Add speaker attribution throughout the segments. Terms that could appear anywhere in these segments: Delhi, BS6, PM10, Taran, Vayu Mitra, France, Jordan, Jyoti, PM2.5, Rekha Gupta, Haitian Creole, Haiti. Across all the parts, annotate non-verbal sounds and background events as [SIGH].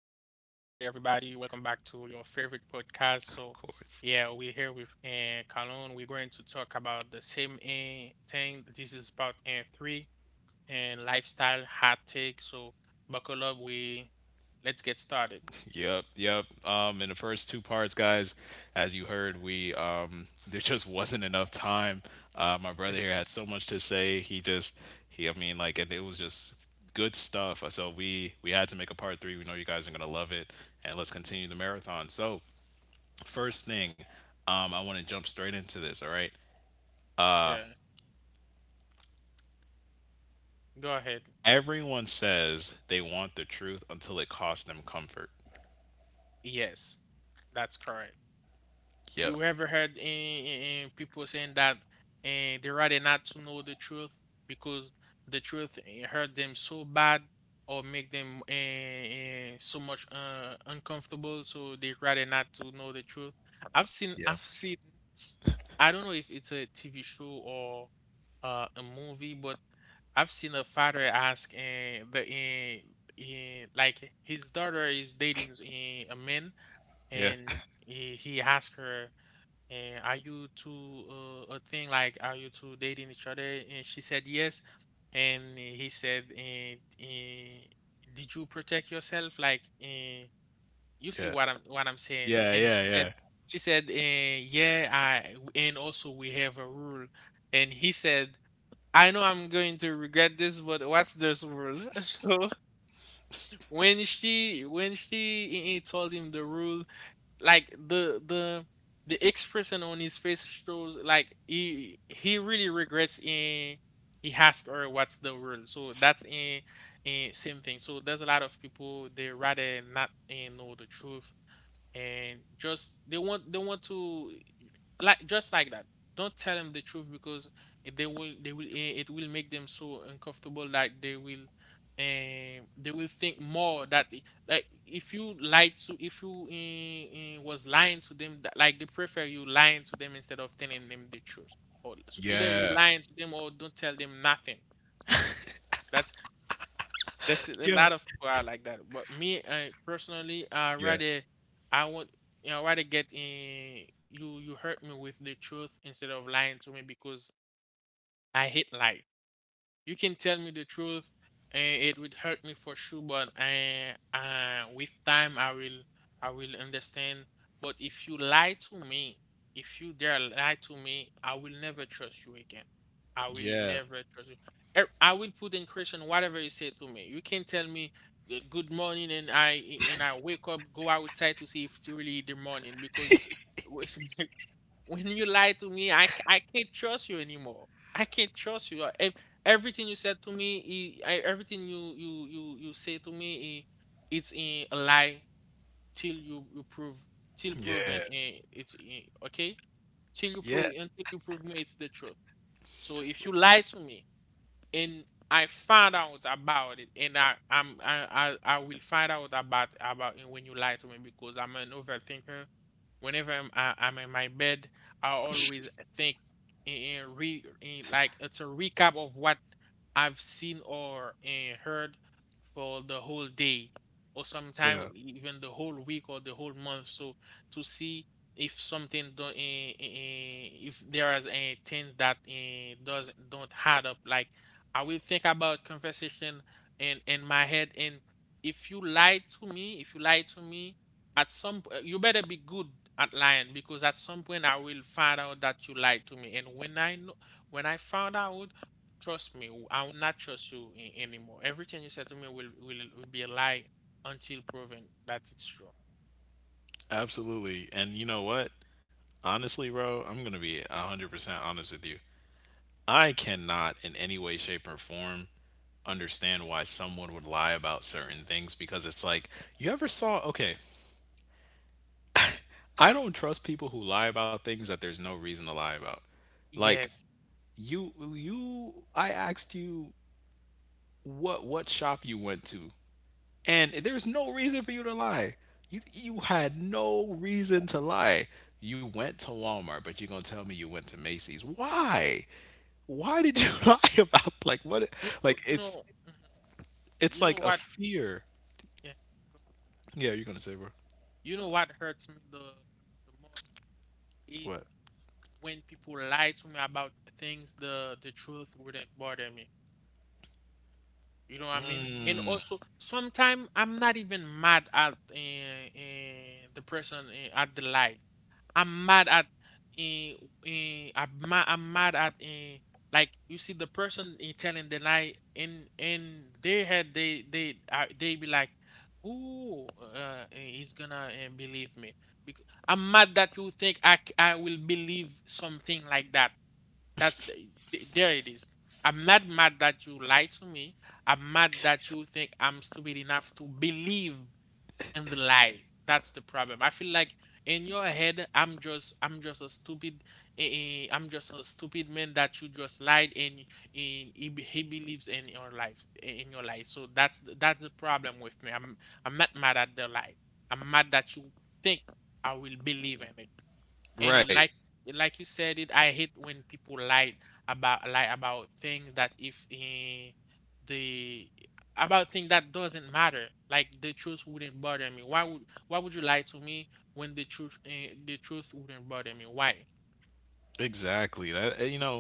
Speaker 1: your favorite podcast. So,
Speaker 2: Of
Speaker 1: yeah,
Speaker 2: course.
Speaker 1: we're here with Kalon. We're going to talk about the same thing. This is part three and lifestyle hot take. So, buckle up. We let's get started.
Speaker 2: Yep, yep. In the first two parts, guys, as you heard, we [LAUGHS] there just wasn't enough time. My brother here had so much to say. He just, he, I mean, like, and it was just good stuff. So we had to make a part three. We know you guys are gonna love it, and let's continue the marathon. So first thing, I want to jump straight into this. All right.
Speaker 1: [LAUGHS] Yeah, go ahead.
Speaker 2: Everyone says they want the truth until it costs them comfort.
Speaker 1: Yes, that's correct.
Speaker 2: Yep.
Speaker 1: You ever heard in, people saying that and they rather not to know the truth because the truth hurt them so bad or make them so much uncomfortable, so they rather not to know the truth. I've seen,
Speaker 2: Yeah.
Speaker 1: I've seen. I don't know if it's a TV show or a movie, but I've seen a father ask like his daughter is dating a man,
Speaker 2: Yeah.
Speaker 1: and he asked her. And are you two a thing? Like, are you two dating each other? And she said yes. And he said, and did you protect yourself? Like, and you see
Speaker 2: Yeah.
Speaker 1: what I'm saying?
Speaker 2: Yeah.
Speaker 1: And she said,
Speaker 2: Yeah.
Speaker 1: she said, eh, yeah, I. And also we have a rule. And he said, I know I'm going to regret this, but what's this rule? [LAUGHS] So when she told him the rule, like the expression on his face shows like he really regrets in, he asked her what's the world, so that's in same thing. So there's a lot of people, they rather not know the truth, and just they want to, like just like that, don't tell them the truth because they will it will make them so uncomfortable that they will think more that like if you lied to, if you was lying to them, that, like, they prefer you lying to them instead of telling them the truth, or so
Speaker 2: Yeah.
Speaker 1: either you
Speaker 2: Yeah.
Speaker 1: lying to them or don't tell them nothing. that's that's a
Speaker 2: Yeah. Yeah.
Speaker 1: lot of people are like that. But me, I personally, I rather, I want, rather get in. You hurt me with the truth instead of lying to me because I hate lie. You can tell me the truth, and it would hurt me for sure. But I, with time, I will understand. But if you lie to me, if you dare lie to me, I will never trust you again. I will
Speaker 2: Yeah.
Speaker 1: never trust you. I will put in question whatever you say to me. You can tell me good morning, and I wake up, go outside to see if it's really the morning because [LAUGHS] when you lie to me, I can't trust you anymore. I can't trust you. Everything you said to me, everything you say to me, it's a lie till you prove, till proven
Speaker 2: Yeah.
Speaker 1: it's okay, till you
Speaker 2: Yeah.
Speaker 1: prove until you prove me it's the truth. So if you lie to me, and I found out about it, and I I'm, I will find out about it when you lie to me because I'm an overthinker. Whenever I'm in my bed, I always think like it's a recap of what I've seen or heard for the whole day, or sometimes
Speaker 2: Yeah.
Speaker 1: even the whole week or the whole month. So to see if something don't if there is a thing that eh, does don't add up, like I will think about conversation in my head. And if you lie to me, if you lie to me, you better be good at lying because at some point I will find out that you lied to me. And when I know, when I found out, trust me, I will not trust you anymore. Everything you said to me will be a lie until proven that it's true.
Speaker 2: Absolutely. And you know what? Honestly, bro, I'm going to be 100% honest with you. I cannot in any way, shape, or form understand why someone would lie about certain things because it's like, you ever saw, okay, I don't trust people who lie about things that there's no reason to lie about. Like,
Speaker 1: Yes,
Speaker 2: you I asked you what shop you went to, and there's no reason for you to lie. You had no reason to lie. You went to Walmart, but you're gonna tell me you went to Macy's. Why? Why did you [LAUGHS] lie about like what? Like it's
Speaker 1: mhm.
Speaker 2: it's
Speaker 1: You know
Speaker 2: like a
Speaker 1: what?
Speaker 2: fear.
Speaker 1: Yeah.
Speaker 2: Yeah, you're gonna say bro.
Speaker 1: You know what hurts me the most
Speaker 2: What?
Speaker 1: when people lie to me about things, the truth wouldn't bother me. You know what I mean? And also, sometimes I'm not even mad at the person at the lie. I'm mad at uh, I'm mad at like, you see the person telling the lie, in their head they be like, "Ooh, he's gonna believe me." Because I'm mad that you think I will believe something like that. That's the, there it is. I'm not mad that you lie to me. I'm mad that you think I'm stupid enough to believe in the lie. That's the problem. I feel like in your head, I'm just a stupid eh, eh, I'm just a stupid man that you just lied, and he believes in your life. So that's the problem with me. I'm not mad at the lie. I'm mad that you think I will believe in it. And
Speaker 2: Right.
Speaker 1: like you said it, I hate when people lie about things that, if the, about thing that doesn't matter, like the truth wouldn't bother me. Why would you lie to me when the truth wouldn't bother me, why?
Speaker 2: Exactly. That you know,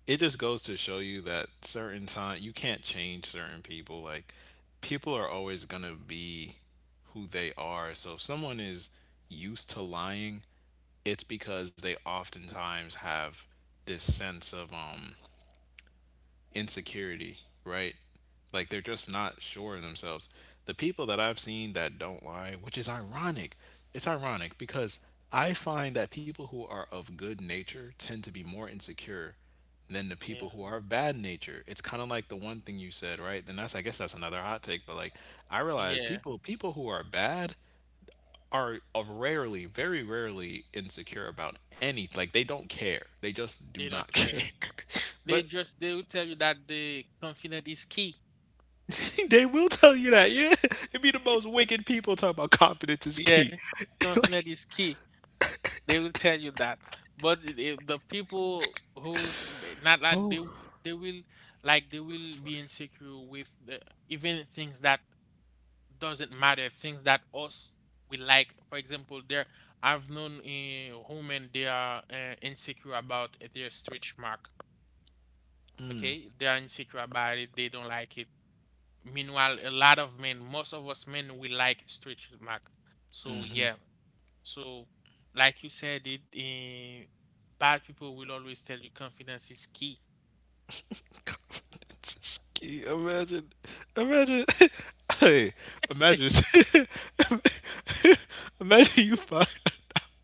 Speaker 2: it just goes to show you that certain time you can't change certain people. Like people are always going to be who they are. So if someone is used to lying, it's because they oftentimes have this sense of insecurity, right? Like they're just not sure in themselves. The people that I've seen that don't lie, which is ironic, it's ironic because I find that people who are of good nature tend to be more insecure than the
Speaker 1: Yeah,
Speaker 2: people who are of bad nature. It's kind of like the one thing you said, right? Then that's I guess that's another hot take, but like I realize
Speaker 1: yeah,
Speaker 2: people who are bad are of rarely, very rarely insecure about any like they don't care. They just do
Speaker 1: they
Speaker 2: not [LAUGHS]
Speaker 1: don't
Speaker 2: care.
Speaker 1: care.
Speaker 2: But
Speaker 1: They will tell you that the confidence is key.
Speaker 2: [LAUGHS] they will tell you that, yeah. It'd be the most wicked people talking about confidence is
Speaker 1: Yeah,
Speaker 2: key.
Speaker 1: confidence is key. They will tell you that. But the people who's not, that they will like they will be insecure with even things that doesn't matter, things that us we like. For example, there, I've known a woman, they are insecure about their stretch mark. Okay, they are insecure about it. They don't like it. Meanwhile, a lot of men, most of us men, we like stretch mark. So yeah, so, like you said, bad people will always tell you confidence is key.
Speaker 2: Confidence is key. Imagine, imagine, [LAUGHS] hey, imagine, [LAUGHS] imagine you find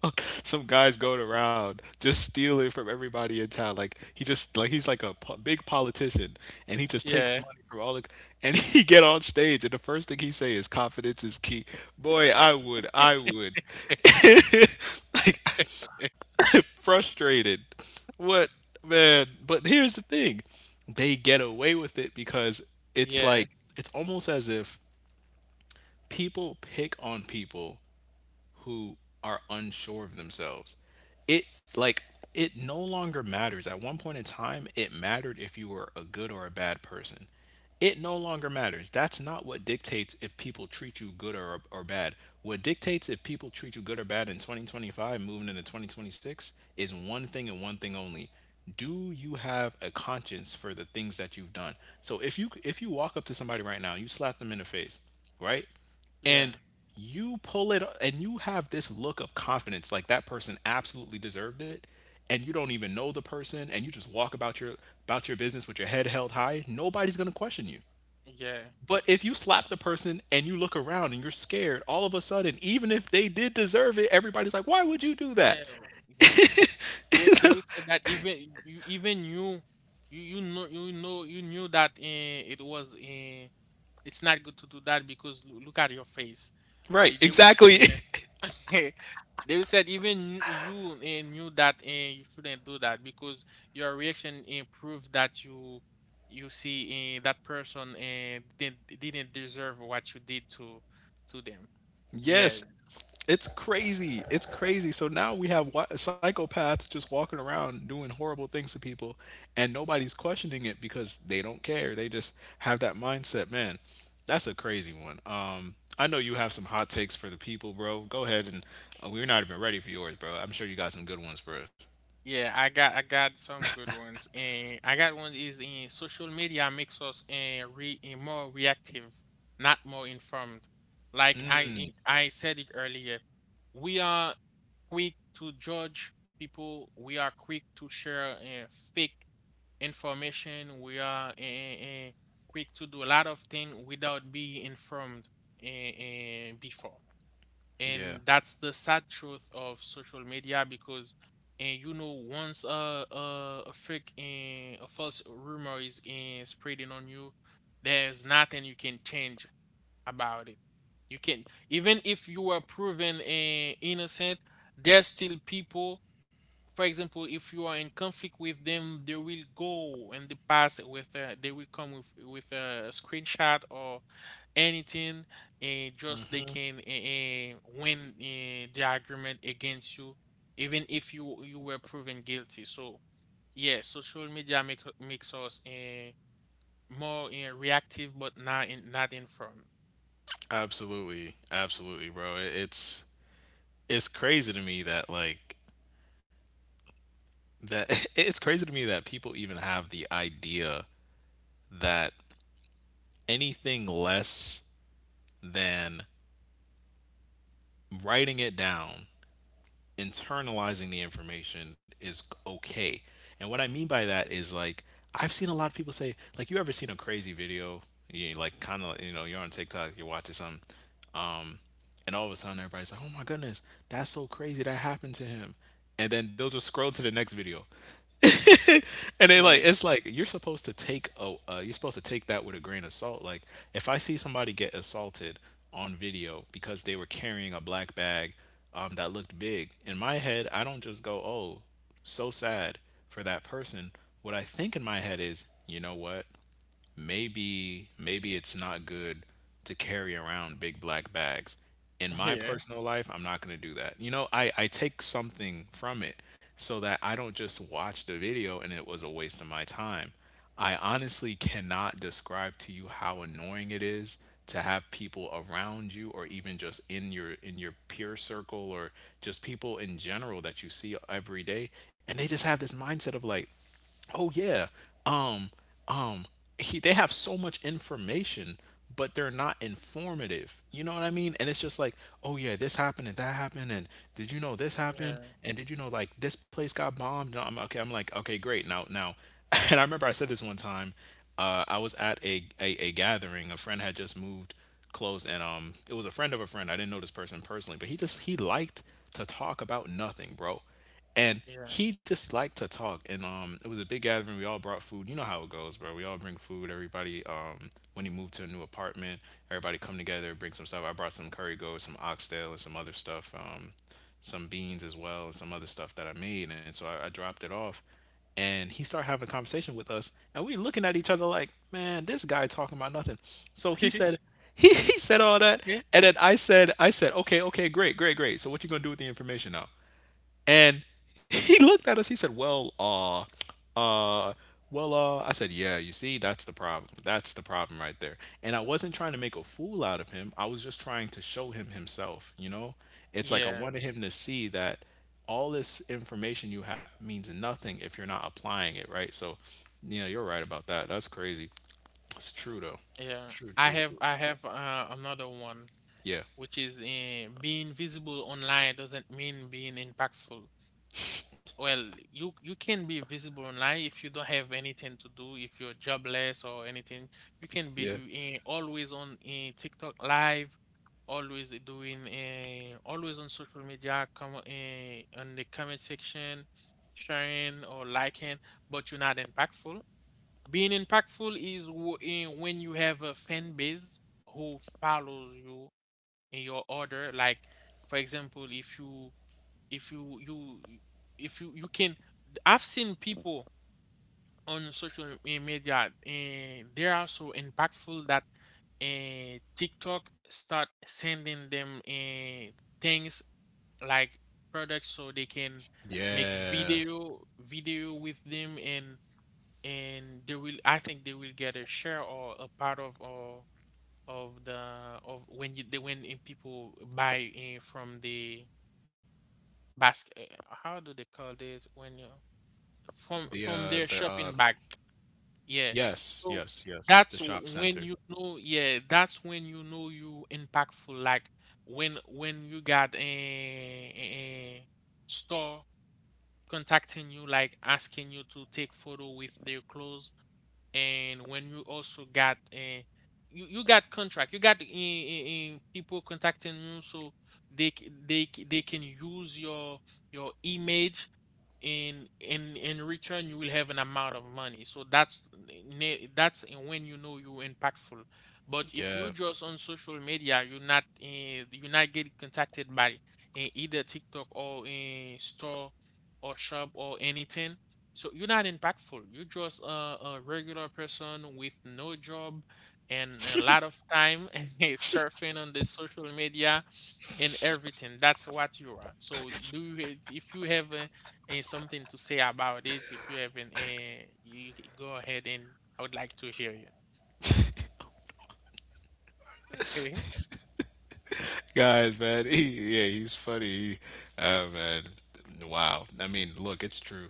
Speaker 2: out some guy's going around just stealing from everybody in town. Like he just, like he's like a big politician, and he just takes
Speaker 1: Yeah,
Speaker 2: money from all the. And [LAUGHS] he get on stage, and the first thing he say is confidence is key. Boy, I would, I would. [LAUGHS] Like frustrated. What man? But here's the thing. They get away with it because it's
Speaker 1: yeah.
Speaker 2: like it's almost as if people pick on people who are unsure of themselves. It like it no longer matters. At one point in time, it mattered if you were a good or a bad person. It no longer matters. That's not what dictates if people treat you good or bad. What dictates if people treat you good or bad in 2025 moving into 2026 is one thing and one thing only. Do you have a conscience for the things that you've done? So if you walk up to somebody right now, you slap them in the face, right?
Speaker 1: Yeah,
Speaker 2: And you pull it and you have this look of confidence like that person absolutely deserved it, and you don't even know the person, and you just walk about your business with your head held high, nobody's going to question you.
Speaker 1: yeah,
Speaker 2: But if you
Speaker 1: right.
Speaker 2: slap the person and you look around and you're scared all of a sudden, even if they did deserve it, everybody's like, why would you do
Speaker 1: Yeah,
Speaker 2: that?
Speaker 1: yeah. They will say that, even you you you know, you know, you knew that it was it's not good to do that because look at your face.
Speaker 2: Right.
Speaker 1: Eh, They will-
Speaker 2: Exactly.
Speaker 1: yeah,
Speaker 2: [LAUGHS]
Speaker 1: [LAUGHS] they said even you knew that you shouldn't do that because your reaction proves that you see that person didn't deserve what you did to them. Yeah,
Speaker 2: Yes, it's crazy. It's crazy. So now we have psychopaths just walking around doing horrible things to people, and nobody's questioning it because they don't care. They just have that mindset. Man, that's a crazy one. I know you have some hot takes for the people, bro. Go ahead and we're not even ready for yours, bro. I'm sure you got some good ones for us.
Speaker 1: yeah, I got some good ones. I got one is social media makes us more reactive, not more informed. Like I said it earlier, we are quick to judge people. We are quick to share fake information. We are quick to do a lot of things without being informed before.
Speaker 2: Yeah,
Speaker 1: And that's the sad truth of social media, because, and you know, once a false rumor is spreading on you, there's nothing you can change about it. You can Even if you were proven innocent, there's still people. For example, if you are in conflict with them, they will go, and they pass it with they will come with a screenshot or anything, and just they can win the argument against you, even if you were proven guilty. So yeah, social media makes us more reactive, but not informed.
Speaker 2: absolutely, absolutely, bro. It's crazy to me that like that [LAUGHS] it's crazy to me that people even have the idea that anything less than writing it down, internalizing the information is okay. And what I mean by that is like I've seen a lot of people say like you ever seen a crazy video, you like kind of you know you're on TikTok, you're watching something, and all of a sudden everybody's like, oh my goodness, that's so crazy that happened to him, and then they'll just scroll to the next video. [LAUGHS] And they like
Speaker 1: Yeah,
Speaker 2: it's like you're supposed to take a you're supposed to take that with a grain of salt. Like if I see somebody get assaulted on video because they were carrying a black bag that looked big, in my head I don't just go, "Oh, so sad for that person." What I think in my head is, you know what? Maybe maybe it's not good to carry around big black bags. In
Speaker 1: [LAUGHS]
Speaker 2: my
Speaker 1: yeah.
Speaker 2: personal life, I'm not going to do that. You know, I take something from it so that I don't just watch the video and it was a waste of my time. I honestly cannot describe to you how annoying it is to have people around you or even just in your peer circle or just people in general that you see every day and they just have this mindset of like oh yeah. Um um they have so much information but they're not informative. You know what I mean? And it's just like, "Oh yeah, this happened and that happened and did you know this happened
Speaker 1: Yeah,
Speaker 2: and did you know like this place got bombed?" No, I'm okay. I'm like, "Okay, great. Now now." [LAUGHS] And I remember I said this one time I was at a gathering. A friend had just moved close, and it was a friend of a friend. I didn't know this person personally, but he liked to talk about nothing, bro, and
Speaker 1: yeah.
Speaker 2: he just liked to talk, and it was a big gathering. We all brought food, you know how it goes, bro. We all bring food, everybody, when he moved to a new apartment, everybody come together, bring some stuff. I brought some curry goat, some oxtail, and some other stuff, some beans as well, and some other stuff that I made. And so I dropped it off, and he started having a conversation with us, and we looking at each other like, man, this guy talking about nothing. So he said
Speaker 1: [LAUGHS]
Speaker 2: [LAUGHS] he said all that,
Speaker 1: Yeah,
Speaker 2: and then I said, I said, okay, okay, great, great, great, so what you gonna do with the information now? And [LAUGHS] he looked at us. He said, "Well, uh, well." I said, "Yeah, you see, that's the problem. That's the problem right there." And I wasn't trying to make a fool out of him. I was just trying to show him himself. You know, it's like I
Speaker 1: yeah,
Speaker 2: wanted him to see that all this information you have means nothing if you're not applying it, right? So, yeah, you're right about that. That's crazy. It's true though.
Speaker 1: yeah.
Speaker 2: True,
Speaker 1: I
Speaker 2: true,
Speaker 1: have
Speaker 2: true.
Speaker 1: I have another one,
Speaker 2: Yeah.
Speaker 1: which is being visible online doesn't mean being impactful. Well, you can be visible online if you don't have anything to do, if you're jobless or anything. You can be
Speaker 2: Yeah.
Speaker 1: always on TikTok live, always on social media, come on the comment section, sharing or liking, but you're not impactful. Being impactful is w- in when you have a fan base who follows you in your order. Like, for example, if you you if you can, I've seen people on media and they are so impactful that TikTok start sending them things like products so they can make
Speaker 2: Yeah.
Speaker 1: video with them and they will, I think they will get a share or a part of, or of the of when you the when in people buy in from the basket. How do they call this when you,
Speaker 2: The uh the
Speaker 1: from
Speaker 2: uh
Speaker 1: from their shopping bag?
Speaker 2: yes,
Speaker 1: Yeah,
Speaker 2: yes, yes.
Speaker 1: so
Speaker 2: The shop
Speaker 1: that's
Speaker 2: center.
Speaker 1: when you know, yeah, that's when you know you impactful, like when you got a store contacting you, like asking you to take photo with their clothes, and when you also got you got contract, you got people contacting you so they can use your image. In return you will have an amount of money, so that's that's when you know you're impactful. But if
Speaker 2: Yeah.
Speaker 1: you're just on social media, you're not you're not getting contacted by either TikTok or a store or shop or anything, so you're not impactful. You're just a regular person with no job and a lot of time [LAUGHS] surfing on the social media and everything. That's what you are. So do you, if you have something to say about it, if you have an, you go ahead and I would like to hear you. Mhm.
Speaker 2: Guys, man, yeah, he's funny. Man, wow. I mean, look, it's true.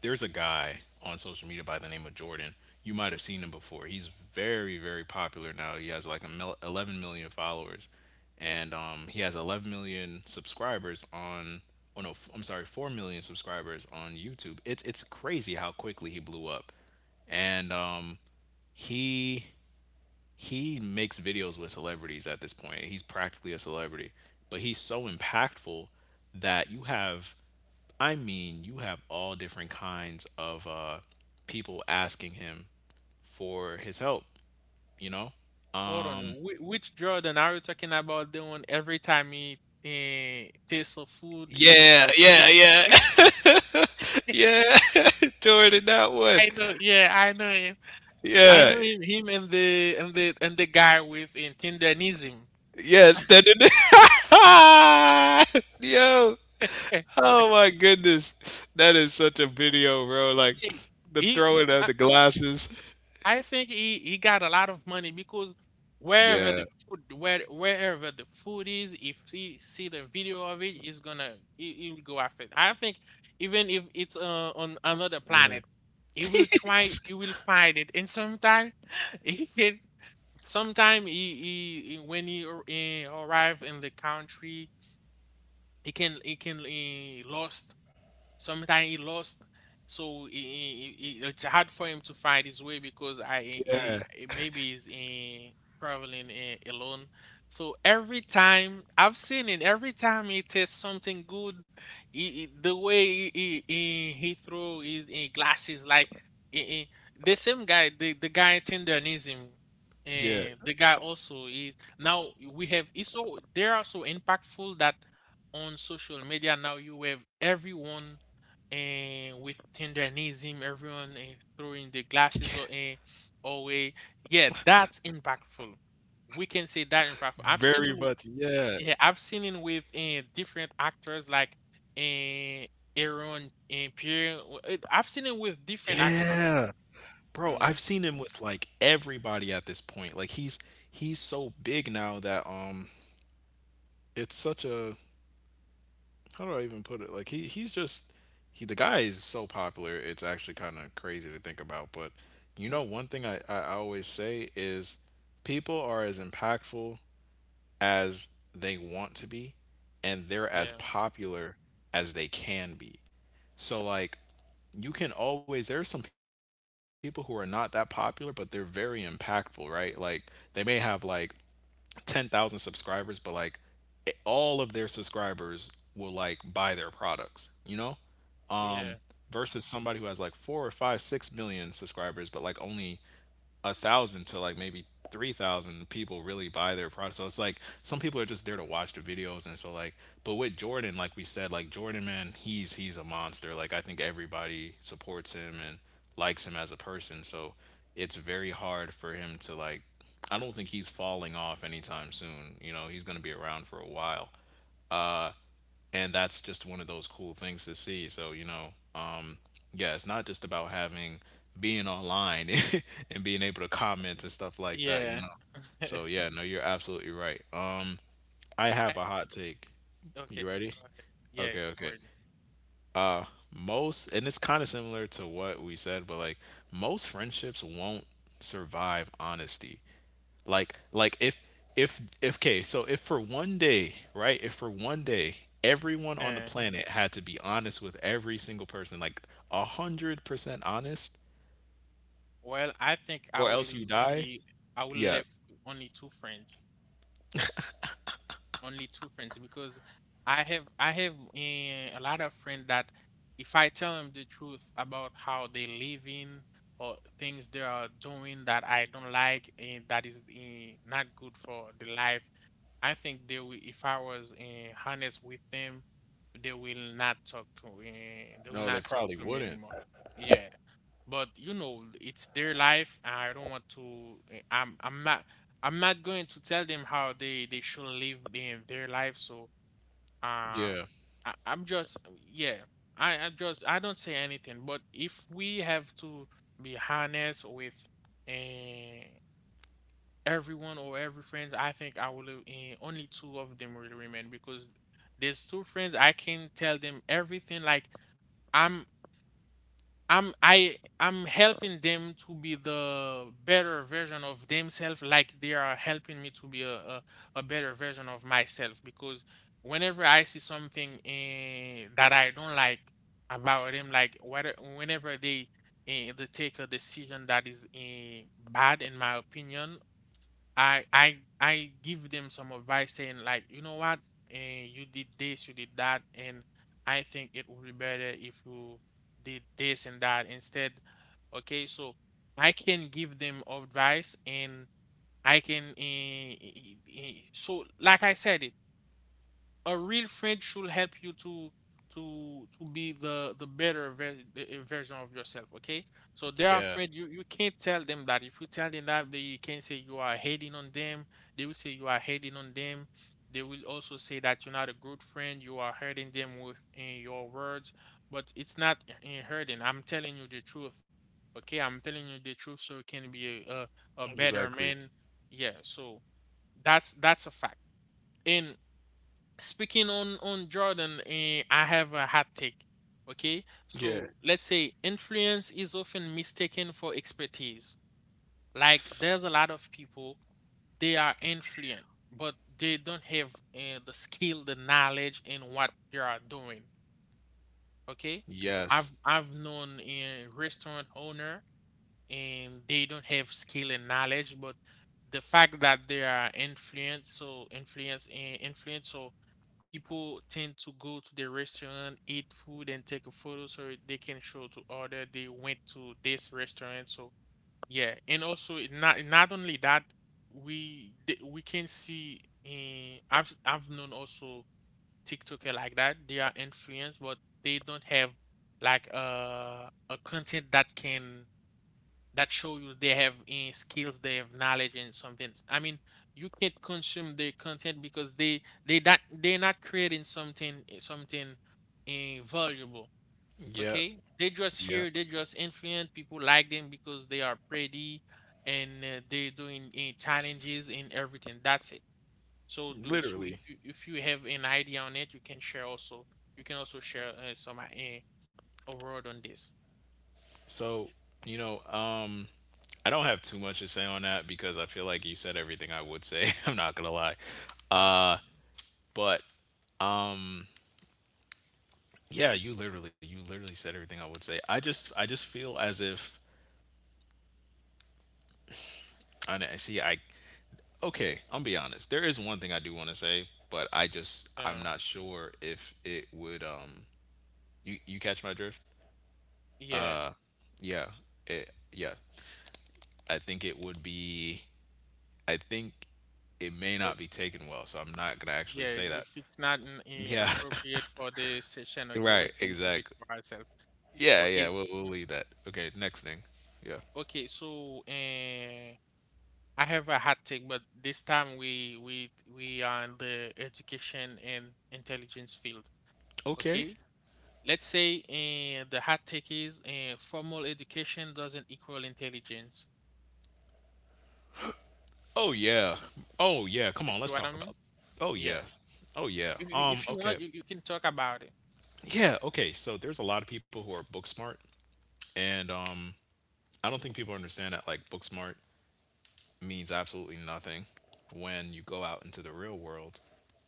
Speaker 2: There's a guy on social media by the name of Jordan. You might have seen him before. He's very, very popular now. He has like a 11 million followers, and he has 11 million subscribers on. Oh no, I'm sorry, 4 million subscribers on YouTube. It's crazy how quickly he blew up, and he he makes videos with celebrities at this point. He's practically a celebrity, but he's so impactful that you have, I mean, you have all different kinds of people asking him for his help. You know?
Speaker 1: Hold on,
Speaker 2: Um.
Speaker 1: which Jordan are you talking about? The one every time he tastes of food,
Speaker 2: Yeah. Yeah.
Speaker 1: he-
Speaker 2: Yeah. [LAUGHS]
Speaker 1: [LAUGHS]
Speaker 2: Yeah. [LAUGHS] Jordan, that one.
Speaker 1: I know, yeah, I know him. I
Speaker 2: Yeah.
Speaker 1: know him, him and the guy with Tindanism.
Speaker 2: Yes. [LAUGHS] Yo. Oh my goodness. That is such a video, bro. Like
Speaker 1: [LAUGHS]
Speaker 2: the
Speaker 1: He,
Speaker 2: throwing of
Speaker 1: I,
Speaker 2: the glasses.
Speaker 1: I think he got a lot of money because wherever
Speaker 2: Yeah.
Speaker 1: the food where wherever the food is, if he see the video of it, he will go after it. I think even if it's on another
Speaker 2: Yeah.
Speaker 1: planet, he will try.
Speaker 2: [LAUGHS]
Speaker 1: He will find it, and sometime [LAUGHS] he can. Sometime when he arrive in the country, he lost, sometimes he lost, so it's hard for him to find his way because I
Speaker 2: Yeah.
Speaker 1: maybe he's in traveling alone. So every time I've seen it, every time he tastes something good, the way he throw his, glasses, like he, he- the same guy, the guy Tenderism,
Speaker 2: Yeah.
Speaker 1: and the guy also is now, we have it's so they are so impactful that on social media now you have everyone, and with Tendernism, everyone throwing the glasses away. Yeah, that's impactful. We can say
Speaker 2: Very
Speaker 1: that
Speaker 2: much.
Speaker 1: impactful. I've seen
Speaker 2: Yeah.
Speaker 1: him, yeah, I've seen it with different actors like uh, Aaron and Pierre. I've seen it with different
Speaker 2: Yeah.
Speaker 1: actors.
Speaker 2: Bro, I've seen
Speaker 1: Mhm.
Speaker 2: him with like everybody at this point. Like he's so big now that it's such a how do I even put it? Like he he's just he the guy is so popular. It's actually kind of crazy to think about. But one
Speaker 1: [LAUGHS]
Speaker 2: thing I always say is people are as impactful as they want to be, and they're as
Speaker 1: Yeah,
Speaker 2: popular as they can be. So like, you can always, there are some people who are not that popular but they're very impactful, right? Like they may have like 10,000 subscribers, but like all of their subscribers will like buy their products, you know?
Speaker 1: yeah,
Speaker 2: Versus somebody who has like four or five, 6 million subscribers, but like only 1,000 to like maybe 3,000 people really buy their product. So it's like some people are just there to watch the videos, and so like, but with Jordan, like we said, like Jordan, man, he's a monster. Like I think everybody supports him and likes him as a person. So it's very hard for him to like. I don't think he's falling off anytime soon. You know, he's going to be around for a while, and that's just one of those cool things to see. Um yeah, it's not just about having, being online [LAUGHS] and being able to comment and stuff like that, you
Speaker 1: yeah.
Speaker 2: know?
Speaker 1: [LAUGHS]
Speaker 2: So
Speaker 1: I
Speaker 2: yeah, no, you're absolutely right. I have a hot take. You
Speaker 1: okay.
Speaker 2: ready?
Speaker 1: Go ahead. Yeah,
Speaker 2: Okay,
Speaker 1: I'm
Speaker 2: okay.
Speaker 1: ready.
Speaker 2: Most, and it's kind of similar to what we said, but like most friendships won't survive honesty. Like, like if okay, so if for one day, right? If for one day everyone on the
Speaker 1: Uh,
Speaker 2: planet had to be honest with every single person, like 100% honest,
Speaker 1: well, I think I
Speaker 2: or else
Speaker 1: will
Speaker 2: you die,
Speaker 1: only I will
Speaker 2: yeah.
Speaker 1: left with only two friends. Only two friends because I have a lot of friends that if I tell them the truth about how they living or things they are doing that I don't like and that is not good for the life, I think they will, if I was honest with them, they will not talk to eh, they will
Speaker 2: No, they
Speaker 1: not talk
Speaker 2: probably
Speaker 1: to me
Speaker 2: wouldn't.
Speaker 1: anymore. Yeah, but you know it's their life and I don't want to I'm not, I'm not going to tell them how they should live in their life. So uh,
Speaker 2: Yeah.
Speaker 1: I'm just, yeah, I don't say anything. But if we have to be honest with eh, everyone or every friend, I think only two of them will remain, because there's two friends I can tell them everything, like i'm I'm, I'm helping them to be the better version of themselves, like they are helping me to be a better version of myself. Because whenever I see something that I don't like about them, like whether whenever they take a decision that is bad in my opinion, I give them some advice saying like, you know what, you did this, you did that, and I think it would be better if you did this and that instead. Okay, so I can give them advice and I can so like I said it, a real friend should help you to be the better version of yourself. Okay, so they are
Speaker 2: Yeah.
Speaker 1: afraid, you can't tell them that, if you tell them that they can say you are hating on them, they will say you are hating on them, they will also say that you're not a good friend, you are hurting them with in your words. But it's not in hurting, I'm telling you the truth. Okay, I'm telling you the truth so you can be
Speaker 2: Exactly.
Speaker 1: a better man. Yeah, so that's a fact. And speaking on Jordan, eh, I have a hot take. Okay,
Speaker 2: Yeah.
Speaker 1: so let's say influence is often mistaken for expertise. Like, there's a lot of people, they are influent, but they don't have the skill, the knowledge in what they are doing. Okay,
Speaker 2: Yes.
Speaker 1: I've known a restaurant owner and they don't have skill and knowledge, but the fact that they are influence, so influence, so people tend to go to the restaurant, eat food, and take a photo so they can show to other they went to this restaurant. So yeah, and also it not only that, we can see. In, I've known also TikToker like that. They are influenced, but they don't have like a content that can that show you they have skills, they have knowledge and something. I mean, you can't consume their content because they're not creating something something valuable.
Speaker 2: Yep.
Speaker 1: Okay, they just
Speaker 2: Yep.
Speaker 1: here, they just influence people like them because they are pretty and they're doing challenges and everything. That's it. So do so if
Speaker 2: Literally.
Speaker 1: you, if you have an idea on it, you can share also. You can also share some a word on this.
Speaker 2: So, you know, I don't have too much to say on that because I feel like you said everything I would say. [LAUGHS] I'm not gonna lie.
Speaker 1: Uh,
Speaker 2: Uh, but yeah, you literally said everything I would say. I just feel as if, I know- see, I, okay, I'm be honest. There is one thing I do want to say, but I'm
Speaker 1: uh,
Speaker 2: not sure if it would, you, you catch my drift?
Speaker 1: yeah.
Speaker 2: Yeah, yeah. I think it would be, I think it may not be taken well, so I'm not gonna actually
Speaker 1: Yeah,
Speaker 2: say that.
Speaker 1: if it's not
Speaker 2: Yeah,
Speaker 1: appropriate for the session,
Speaker 2: [LAUGHS]
Speaker 1: okay, we
Speaker 2: right,
Speaker 1: can keep it
Speaker 2: exactly.
Speaker 1: for ourselves.
Speaker 2: Yeah, yeah,
Speaker 1: Okay,
Speaker 2: we'll
Speaker 1: mm,
Speaker 2: leave that. Okay, next thing. Yeah.
Speaker 1: okay. So, I have a hot take, but this time we are in the education and intelligence field.
Speaker 2: Okay.
Speaker 1: Okay, let's say the hot take is formal education doesn't equal intelligence.
Speaker 2: Oh yeah. Oh yeah. Come
Speaker 1: You
Speaker 2: on,
Speaker 1: see
Speaker 2: let's
Speaker 1: what I
Speaker 2: talk
Speaker 1: mean?
Speaker 2: about. Oh
Speaker 1: Yeah.
Speaker 2: yeah. Oh yeah.
Speaker 1: If you want,
Speaker 2: Okay.
Speaker 1: you can talk about it.
Speaker 2: Yeah, okay. So there's a lot of people who are book smart, and I don't think people understand that like book smart means absolutely nothing when you go out into the real world,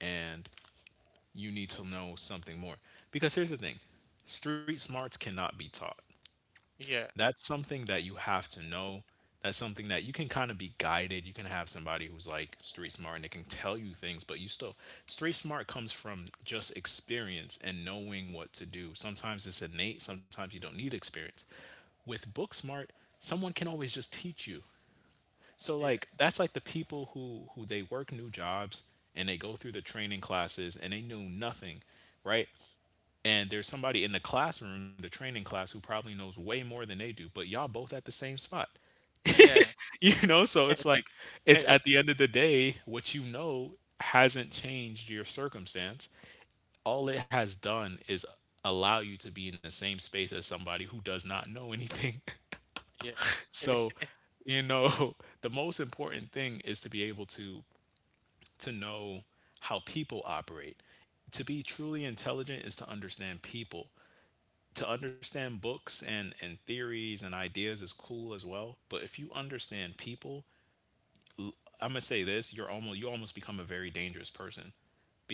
Speaker 2: and you need to know something more. Because here's the thing. Street smarts cannot be taught.
Speaker 1: Yeah.
Speaker 2: That's something that you have to know. That's something that you can kind of be guided. You can have somebody who's like street smart and they can tell you things, but you still, street smart comes from just experience and knowing what to do. Sometimes it's innate, sometimes you don't need experience. With book smart, someone can always just teach you. So
Speaker 1: Yeah.
Speaker 2: like that's like the people who they work new jobs and they go through the training classes and they know nothing, right? And there's somebody in the classroom, the training class, who probably knows way more than they do, but y'all both at the same spot. [LAUGHS]
Speaker 1: Yeah.
Speaker 2: You know, so it's like it's at
Speaker 1: [LAUGHS]
Speaker 2: the end of the day, what you know hasn't changed your circumstance. All it has done is allow you to be in the same space as somebody who does not know anything. [LAUGHS]
Speaker 1: yeah.
Speaker 2: So,
Speaker 1: [LAUGHS]
Speaker 2: you know, [LAUGHS] the most important thing is to be able to know how people operate. To be truly intelligent is to understand people. To understand books and theories and ideas is cool as well, but if you understand people, I'm gonna say this, you're almost, you almost become a very dangerous person,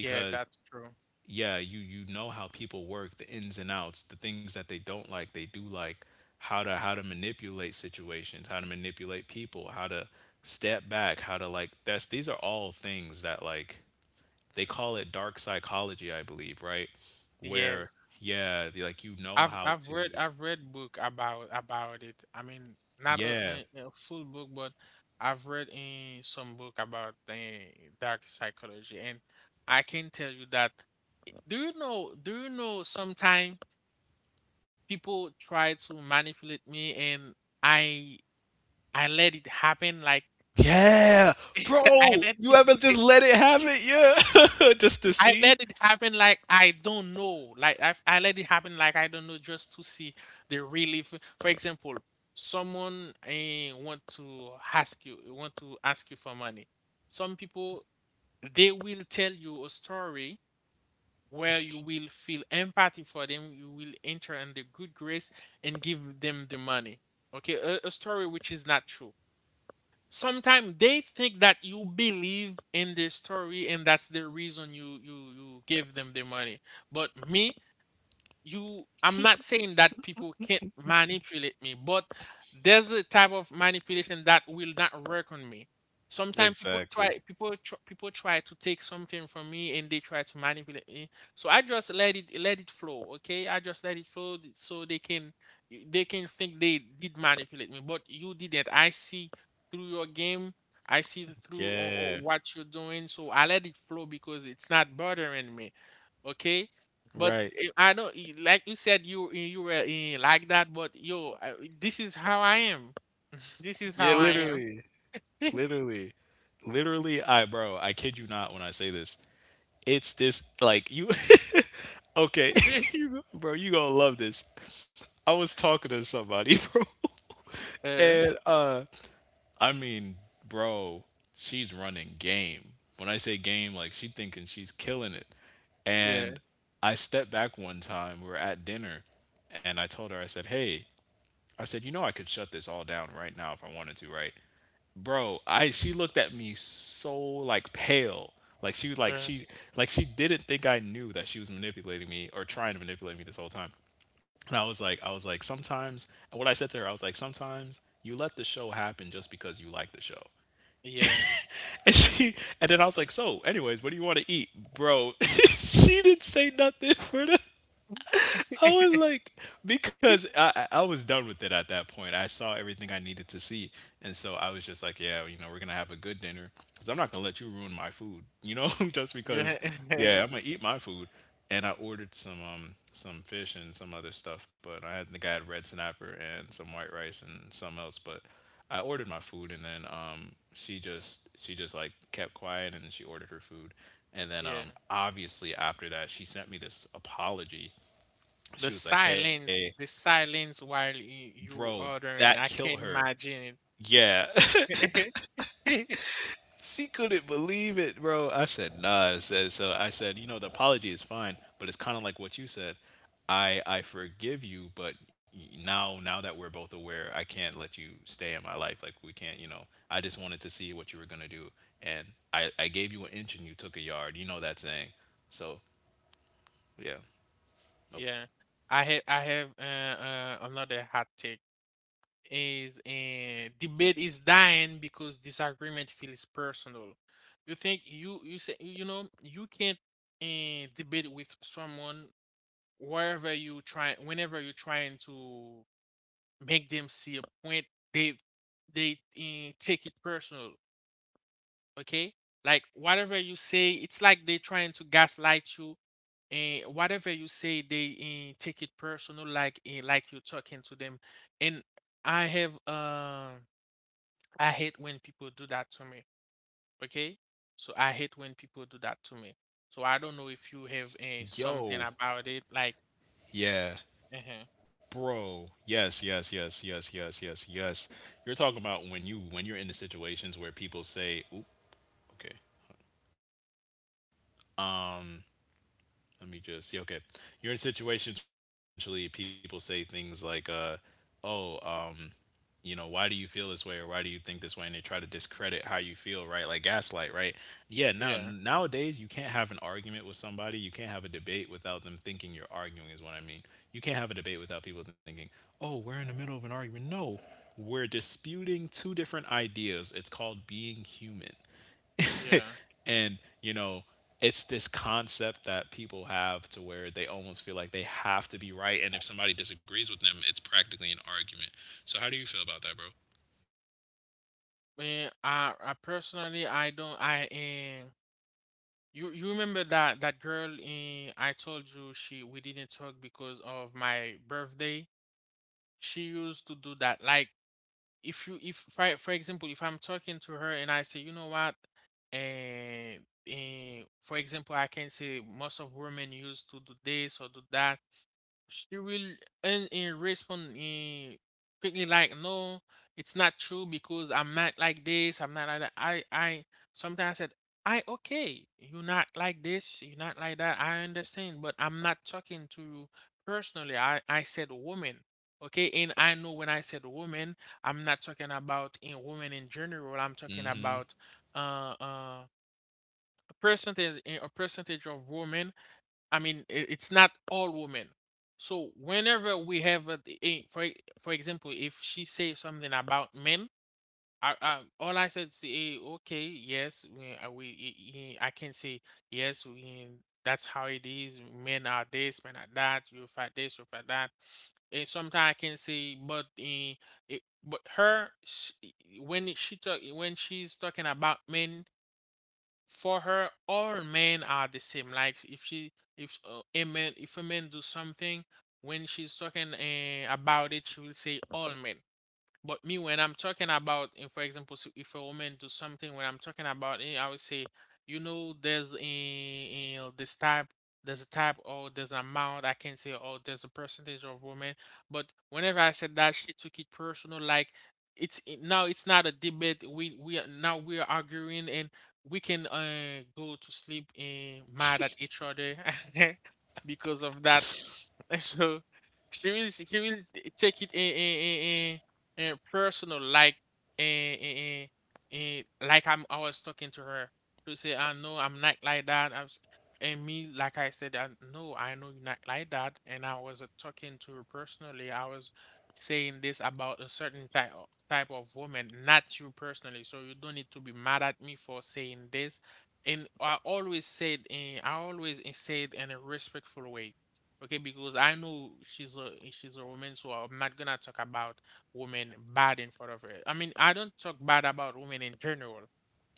Speaker 1: Yeah, that's true.
Speaker 2: yeah, you know how people work, the ins and outs, the things that they don't like, they do like, how to, how to manipulate situations, how to manipulate people, how to step back, how to like, that's, these are all things that like they
Speaker 1: Mm,
Speaker 2: call it dark psychology, I believe, right? Where
Speaker 1: yes,
Speaker 2: yeah they, like you know how to.
Speaker 1: I've read book about it. I mean, not
Speaker 2: Yeah.
Speaker 1: a a full book, but I've read in some book about the dark psychology, and I can tell you that. Do you know? Do you know? Sometimes people try to manipulate me, and I I let it happen. Like
Speaker 2: Yeah,
Speaker 1: [LAUGHS] I
Speaker 2: bro,
Speaker 1: let.
Speaker 2: you haven't just
Speaker 1: [LAUGHS]
Speaker 2: let it have it, yeah, [LAUGHS] just to
Speaker 1: I
Speaker 2: see.
Speaker 1: let it happen like I don't know. Like I let it happen like I don't know, just to see the relief. For example, someone want to ask you for money. Some people they will tell you a story where you will feel empathy for them. You will enter in the good grace and give them the money. Okay, a story which is not true. Sometimes they think that you believe in their story and that's the reason you give them the money. But me, you I'm not saying that people can't manipulate me, but there's a type of manipulation that will not work on me. Sometimes people try,
Speaker 2: Exactly.
Speaker 1: people try to take something from me and they try to manipulate me, so I just let it flow. Okay, I just let it flow, so they can, they can think they did manipulate me, but you didn't. I see through your game. I see through
Speaker 2: Yeah.
Speaker 1: what you're doing, so I let it flow because it's not bothering me. Okay. But
Speaker 2: Right.
Speaker 1: eh, I know, eh, like you said, you eh, you were eh, like that. But yo, this is how I am. [LAUGHS] This is
Speaker 2: Yeah,
Speaker 1: how I am.
Speaker 2: literally, literally, literally. Bro, I kid you not when I say this. It's this like you. [LAUGHS] Okay, [LAUGHS]
Speaker 1: [LAUGHS]
Speaker 2: you, bro, you gonna love this. I was talking to somebody, [LAUGHS] bro,
Speaker 1: uh,
Speaker 2: and I mean, bro, she's running game. When I say game, like she thinking she's killing it.
Speaker 1: yeah,
Speaker 2: And I stepped back one time, we were at dinner, and I told her, I said, "Hey," I said, "you know I could shut this all down right now if I wanted to, right?" Bro, I she looked at me so like pale. Like she was like
Speaker 1: uh,
Speaker 2: she, like she didn't think I knew that she was manipulating me or trying to manipulate me this whole time. And I was like, sometimes, and what I said to her, I was like, sometimes you let the show happen just because you like the show.
Speaker 1: yeah,
Speaker 2: And she and then I was like, "So, anyways, what do you want to eat, bro?" [LAUGHS] She didn't say nothing for the, I was
Speaker 1: [LAUGHS]
Speaker 2: like, because I was done with it at that point. I saw everything I needed to see, and so I was just like, yeah, you know, we're gonna have a good dinner because I'm not gonna let you ruin my food, you know, [LAUGHS] just
Speaker 1: yeah,
Speaker 2: because.
Speaker 1: [LAUGHS]
Speaker 2: Yeah, I'm gonna eat my food, and I ordered some fish and some other stuff, but I had, the guy had red snapper and some white rice and something else, but I ordered my food, and then she just like kept quiet, and then she ordered her food, and then
Speaker 1: yeah.
Speaker 2: obviously after that she sent me this apology. She was like, "Hey,
Speaker 1: The silence while you
Speaker 2: bro,
Speaker 1: order,
Speaker 2: that
Speaker 1: and I
Speaker 2: killed
Speaker 1: can't
Speaker 2: her."
Speaker 1: imagine
Speaker 2: Yeah,
Speaker 1: it. [LAUGHS]
Speaker 2: [LAUGHS] she couldn't believe it, bro. I said, "Nah," I said. So I said, "You know, the apology is fine, but it's kind of like what you said. I forgive you, but now that we're both aware, I can't let you stay in my life. Like we can't, you know. I just wanted to see what you were gonna do, and I gave you an inch and you took a yard. You know that saying." So yeah, nope.
Speaker 1: yeah, I have another hot take. Is debate is dying because disagreement feels personal. You think you know you can't debate with someone, wherever you try whenever you're trying to make them see a point, they they take it personal. Okay, like whatever you say, it's like they trying to gaslight you. And whatever you say, they take it personal, like you're talking to them. And I have. I hate when people do that to me. Okay? So I hate when people do that to me. So I don't know if you have something
Speaker 2: Yo,
Speaker 1: about it. Like,
Speaker 2: yeah,
Speaker 1: uh
Speaker 2: bro, yes, yes, yes, yes, yes, yes, yes. You're talking about when you, when you're in the situations where people say, "Oop, okay." Um, let me just see. Okay, you're in situations where essentially people say things like, oh, You know, why do you feel this way, or why do you think this way? And they try to discredit how you feel, right? Like gaslight, right? Yeah, now,
Speaker 1: yeah,
Speaker 2: nowadays you can't have an argument with somebody, you can't have a debate without them thinking you're arguing, is what I mean. You can't have a debate without people thinking, oh, we're in the middle of an argument. No, we're disputing two different ideas. It's called being human.
Speaker 1: yeah.
Speaker 2: [LAUGHS] And you know, it's this concept that people have to, where they almost feel like they have to be right, and if somebody disagrees with them, it's practically an argument. So how do you feel about that, bro?
Speaker 1: Eh, I personally, I don't. I you you remember that girl? I told you she, we didn't talk because of my birthday. She used to do that. Like if for, for example, if I'm talking to her and I say, "You know what," and, for example, I can say most of women used to do this or do that. She will and respond quickly like, "No, it's not true because I'm not like this, I'm not like that." I sometimes said, I "Okay, you're not like this, you're not like that, I understand, but I'm not talking to you personally. I said woman." Okay, and I know when I said woman, I'm not talking about in women in general, I'm talking
Speaker 2: Hmm.
Speaker 1: about uh uh a percentage, a percentage of women. I mean, it's not all women. So whenever we have, for for example, if she say something about men, all I said is, okay, yes, I can say yes. We, that's how it is. Men are this, men are that. You fight this, you fight that. And sometimes I can say, but eh, it, but her, sh when she talk, when she's talking about men, for her all men are the same. Like if she if a man do something, when she's talking about it, she will say all men. But me, when I'm talking about, in for example, so if a woman do something, when I'm talking about it, I would say, you know, there's a this type, there's a type, or there's an amount. I can say, oh, there's a percentage of women. But whenever I said that, she took it personal. Like now, it's not a debate. Now we are arguing, and we can go to sleep and mad at each other [LAUGHS] because of that. [LAUGHS] So she will take it. And personal like and, and, and like I was talking to her to say, "I know I'm not like that." I was, and me, like I said, "No, I know you're not like that, and I was talking to her personally." I was saying this about a certain type of woman, not you personally, so you don't need to be mad at me for saying this. And I always said, and I always said in a respectful way. Okay, because I know she's a, she's a woman, so I'm not gonna talk about women bad in front of her. I mean, I don't talk bad about women in general.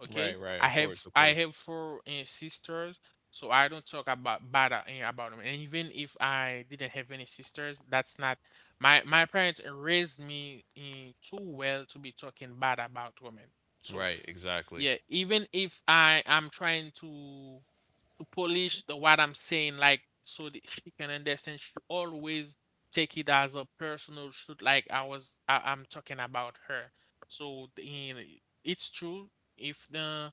Speaker 1: Okay,
Speaker 2: Right, right, of course, of
Speaker 1: I
Speaker 2: course.
Speaker 1: have four sisters, so I don't talk about bad about them. And even if I didn't have any sisters, that's not my parents raised me too well to be talking bad about women. So
Speaker 2: Right, exactly.
Speaker 1: yeah, even if I am trying to polish the what I'm saying, like so that she can understand, she always take it as a personal shoot, like I'm talking about her. So in it's true, if the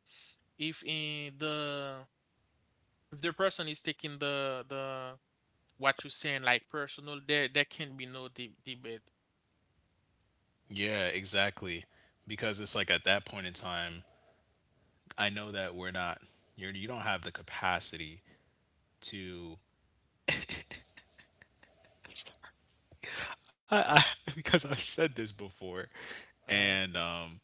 Speaker 1: if in the if the person is taking the what you're saying like personal, there can be no debate.
Speaker 2: Yeah, exactly. Because it's like at that point in time, I know that we're not, you're, you don't have the capacity to, I [LAUGHS] because I've said this before,
Speaker 1: Yeah,
Speaker 2: and um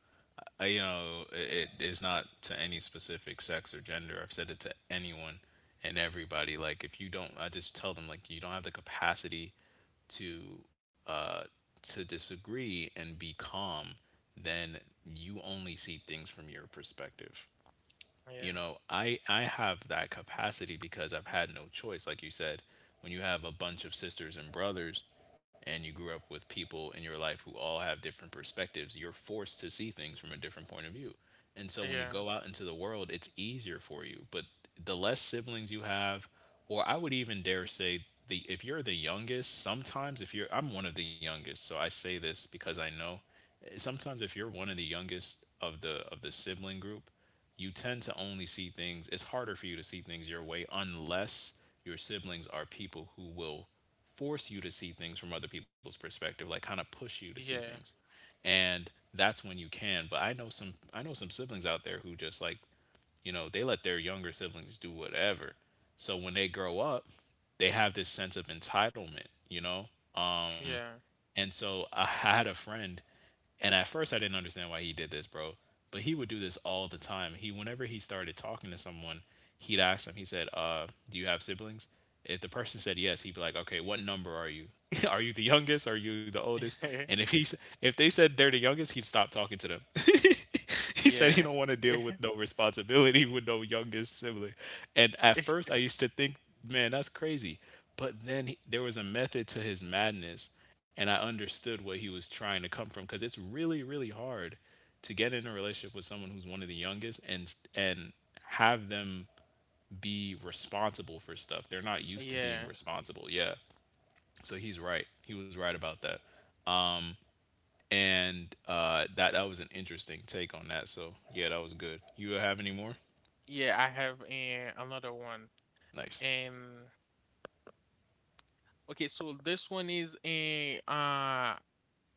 Speaker 2: uh, you know, it is not to any specific sex or gender. I've said it to anyone and everybody. Like, if you don't, I just tell them like you don't have the capacity to uh, to disagree and be calm. Then you only see things from your perspective you
Speaker 1: yeah,
Speaker 2: know i i have that capacity because I've had no choice, like you said. When you have a bunch of sisters and brothers, and you grew up with people in your life who all have different perspectives, you're forced to see things from a different point of view. And so when you
Speaker 1: yeah,
Speaker 2: go out into the world it's easier for you, but the less siblings you have, or I would even dare say the if you're the youngest sometimes if you're I'm one of the youngest, so I say this because I know. Sometimes if you're one of the youngest of the sibling group, you tend to only see things. It's harder for you to see things your way unless your siblings are people who will force you to see things from other people's perspective, like kind of push you to see things,
Speaker 1: yeah,
Speaker 2: and that's when you can. But I know some siblings out there who just like they let their younger siblings do whatever, so when they grow up they have this sense of entitlement. Um,
Speaker 1: yeah,
Speaker 2: and so I [LAUGHS] had a friend, and at first I didn't understand why he did this, bro. But he would do this all the time. He, whenever he started talking to someone, he'd ask them. He said, "Do you have siblings?" If the person said yes, he'd be like, "Okay, what number are you? [LAUGHS] Are you the youngest? Are you the oldest?" And if
Speaker 1: [LAUGHS]
Speaker 2: he's, if they said they're the youngest, he'd stop talking to them. [LAUGHS] [LAUGHS] He said he
Speaker 1: yeah.
Speaker 2: don't want to deal with
Speaker 1: [LAUGHS]
Speaker 2: no responsibility [LAUGHS] with no youngest sibling. And at first, I used to think, man, that's crazy. But then he, there was a method to his madness, and I understood what he was trying to come from because it's really, really hard to get in a relationship with someone who's one of the youngest and have them be responsible for stuff. They're not used to being
Speaker 1: Yeah,
Speaker 2: responsible. Yeah. So he's right. He was right about that, and that was an interesting take on that. So yeah, that was good. You have any more?
Speaker 1: yeah, I have another one.
Speaker 2: Nice.
Speaker 1: And Okay, so this one is a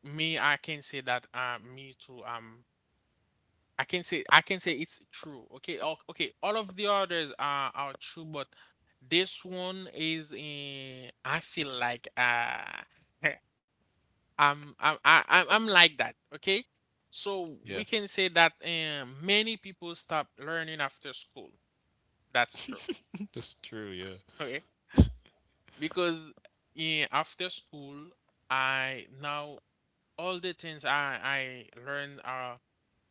Speaker 1: me. I can say that me too. I can say it's true. Okay, okay. All of the others are true, but this one is a. I feel like [LAUGHS] I'm I- I'm like that. Okay, so we
Speaker 2: Yeah,
Speaker 1: can say that many people stop learning after school. That's true.
Speaker 2: [LAUGHS] that's true. Yeah,
Speaker 1: Okay, because after school, I now all the things I learned are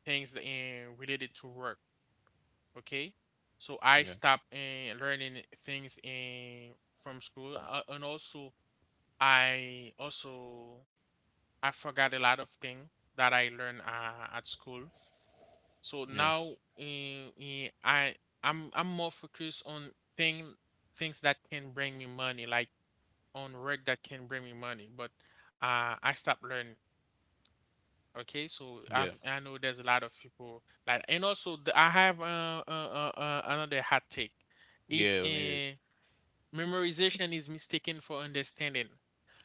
Speaker 1: things in related to work. Okay, so I
Speaker 2: yeah,
Speaker 1: stopped in learning things in from school, and also I also I forgot a lot of things that I learned at school. So
Speaker 2: yeah,
Speaker 1: now in I I'm more focused on thing things that can bring me money, like on work that can bring me money. But I stopped learning. Okay, so
Speaker 2: yeah,
Speaker 1: I know there's a lot of people like, and also the, I have another hot take. It's
Speaker 2: yeah. Let me hear it.
Speaker 1: memorization is mistaken for understanding.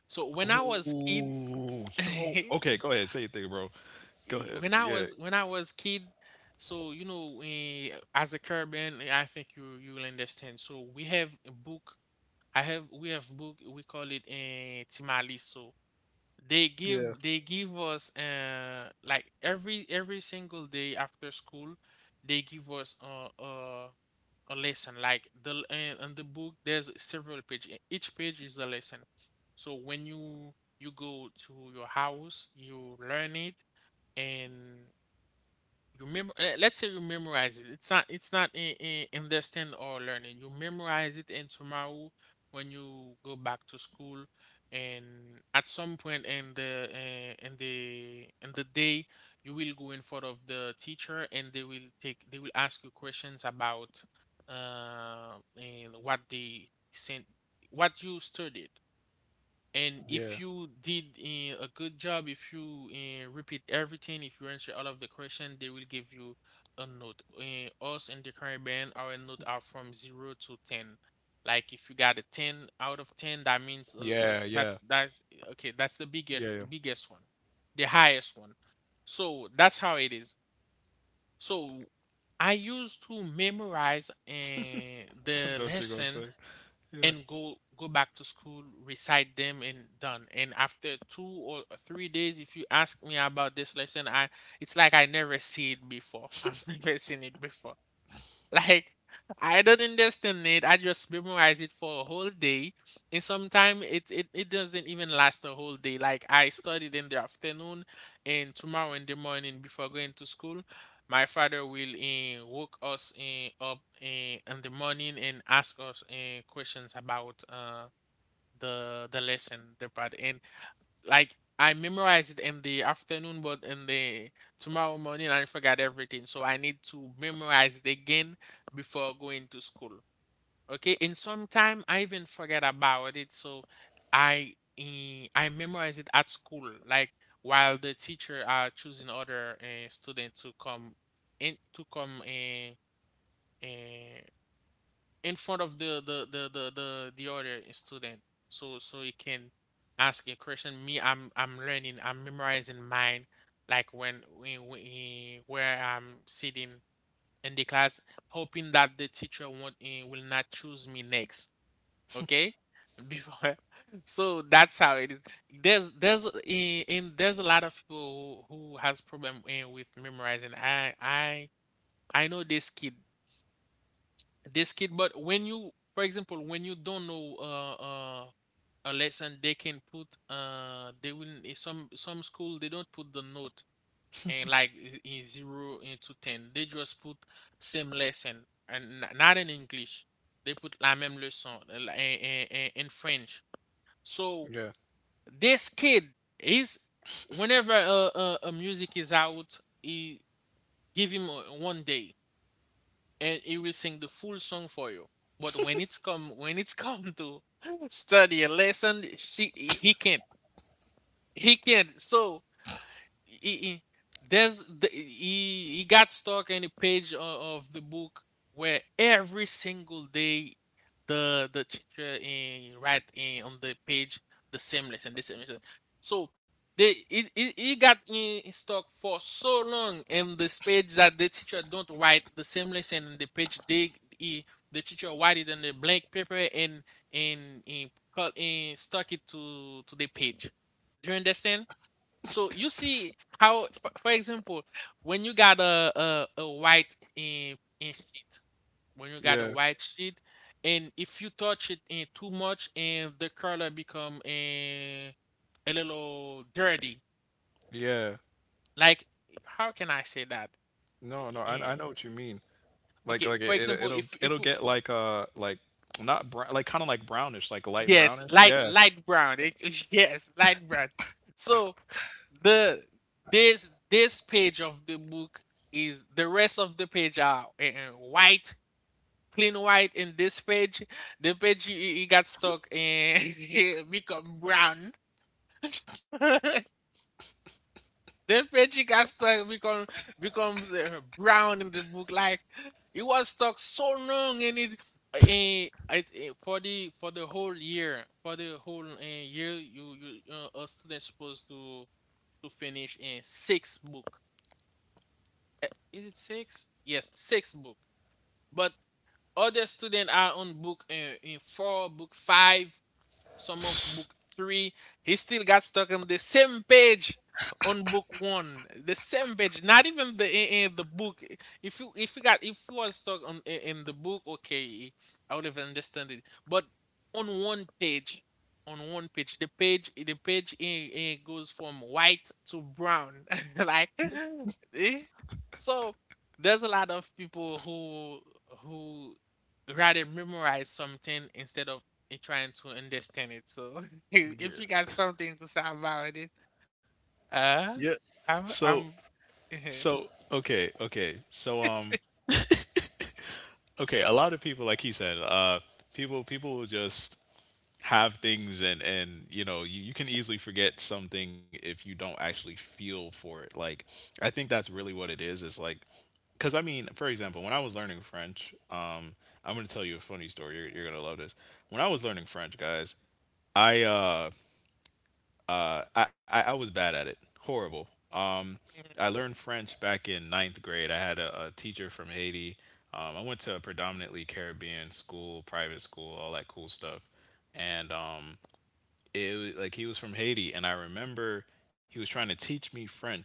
Speaker 1: So when I was kid,
Speaker 2: Oh,
Speaker 1: [LAUGHS]
Speaker 2: yo.
Speaker 1: eh,
Speaker 2: Okay, go ahead. Say your thing, bro. Go ahead. Yeah,
Speaker 1: when I was kid, so you know, as a Caribbean, I think you will understand. So we have a book. I have we have book. We call it a Timali. They give us like every single day after school they give us a lesson, like in the book there's several pages, each page is a lesson. So when you go to your house, you learn it, and you remember, let's say you memorize it. It's not, it's not in, in understand or learning. You memorize it, and tomorrow when you go back to school and at some point in the day, you will go in front of the teacher, and they will ask you questions about and what they sent what you studied. And if
Speaker 2: yeah,
Speaker 1: you did a good job, if you repeat everything, if you answer all of the question, they will give you a note. Us in the Caribbean, our note are from 0 to 10. Like if you got a 10 out of 10, that means
Speaker 2: yeah,
Speaker 1: that's
Speaker 2: yeah,
Speaker 1: okay. That's the
Speaker 2: yeah.
Speaker 1: biggest,
Speaker 2: Yeah.
Speaker 1: biggest one, the highest one. So that's how it is. So I used to memorize
Speaker 2: [LAUGHS] I
Speaker 1: the
Speaker 2: know what you're gonna
Speaker 1: lesson,
Speaker 2: say.
Speaker 1: and go back to school, recite them, and done. And after 2 or 3 days, if you ask me about this lesson, I it's like I never see it before. [LAUGHS] I've never seen it before. [LAUGHS] Like I don't understand it. I just memorize it for a whole day, and sometimes it doesn't even last a whole day. Like I studied in the afternoon, and tomorrow in the morning before going to school, my father will woke us up in the morning and ask us questions about the lesson, the part, and like I memorized it in the afternoon, but in the tomorrow morning I forgot everything. So I need to memorize it again before going to school. Okay, and sometime I even forget about it. So I memorize it at school, like while the teacher are choosing other student to come in to come uh, in front of the other student, so so he can ask a question. Me, I'm learning, I'm memorizing mine, like when we where I'm sitting in the class, hoping that the teacher won't will not choose me next. Okay, before [LAUGHS] so that's how it is. There's in There's a lot of people who has problem with memorizing. I know this kid. This kid, but when you for example when you don't know a lesson, they can put they will in some school they don't put the note, and like in 0 into 10, they just put same lesson, and not in English, they put la même leçon, in french. So
Speaker 2: Yeah,
Speaker 1: this kid is, whenever a music is out, he give him one day and he will sing the full song for you. But when it's come to [LAUGHS] study a lesson, she he can't. He can't. So he, he- there's the, he got stuck in a page of the book, where every single day the teacher in write in on the page the same lesson, the same lesson. So they he got in stuck for so long in this page that the teacher don't write the same lesson in the page. He, the teacher write it on the blank paper, and and and, and stuck it to the page. Do you understand? So you see how, for example, when you got a white in sheet, when you got a
Speaker 2: yeah,
Speaker 1: white sheet, and if you touch it in too much, and the color become a little dirty.
Speaker 2: yeah.
Speaker 1: Like how can I say that?
Speaker 2: No, no. I
Speaker 1: Eh,
Speaker 2: I know what you mean. Like
Speaker 1: okay,
Speaker 2: like
Speaker 1: for
Speaker 2: it
Speaker 1: example,
Speaker 2: it'll
Speaker 1: if
Speaker 2: it'll
Speaker 1: you-
Speaker 2: get like not brown, like kind of like brownish, like light
Speaker 1: yes,
Speaker 2: brownish.
Speaker 1: light,
Speaker 2: Yeah.
Speaker 1: light brown, [LAUGHS] yes, light brown. So the this this page of the book is, the rest of the page are white. Clean white in this page. The page he got stuck in [LAUGHS] become brown. [LAUGHS] The page he got stuck become becomes brown in the book. Like he was stuck so long in it. For the for the whole year, for the whole year, you a student supposed to finish in six book. Eh, Is it six? Yes, six book. But other students are on book in four, book five. Some of book three. He still got stuck on the same page on book one. The same page, not even in the book. If you was stuck on in the book, okay, I would have understood it. But on one page, the page the page in goes from white to brown, [LAUGHS] like eh? So, there's a lot of people who rather memorize something instead of and trying to understand it. So [LAUGHS] if you got
Speaker 2: Yeah.
Speaker 1: something to say about it, uh,
Speaker 2: Yeah.
Speaker 1: I'm,
Speaker 2: So
Speaker 1: I'm, [LAUGHS] yeah,
Speaker 2: so okay, okay. Okay, a lot of people, like he said, people will just have things, and you can easily forget something if you don't actually feel for it. Like I think that's really what it is. It's like, cuz I mean, for example, when I was learning French, I'm going to tell you a funny story. You're going to love this. When I was learning French, guys, I uh I was bad at it, horrible. Um,
Speaker 1: uh-huh,
Speaker 2: I learned French back in ninth grade. I had a teacher from Haiti. I went to a predominantly Caribbean school, private school, all that cool stuff, and like he was from Haiti, and I remember he was trying to teach me French,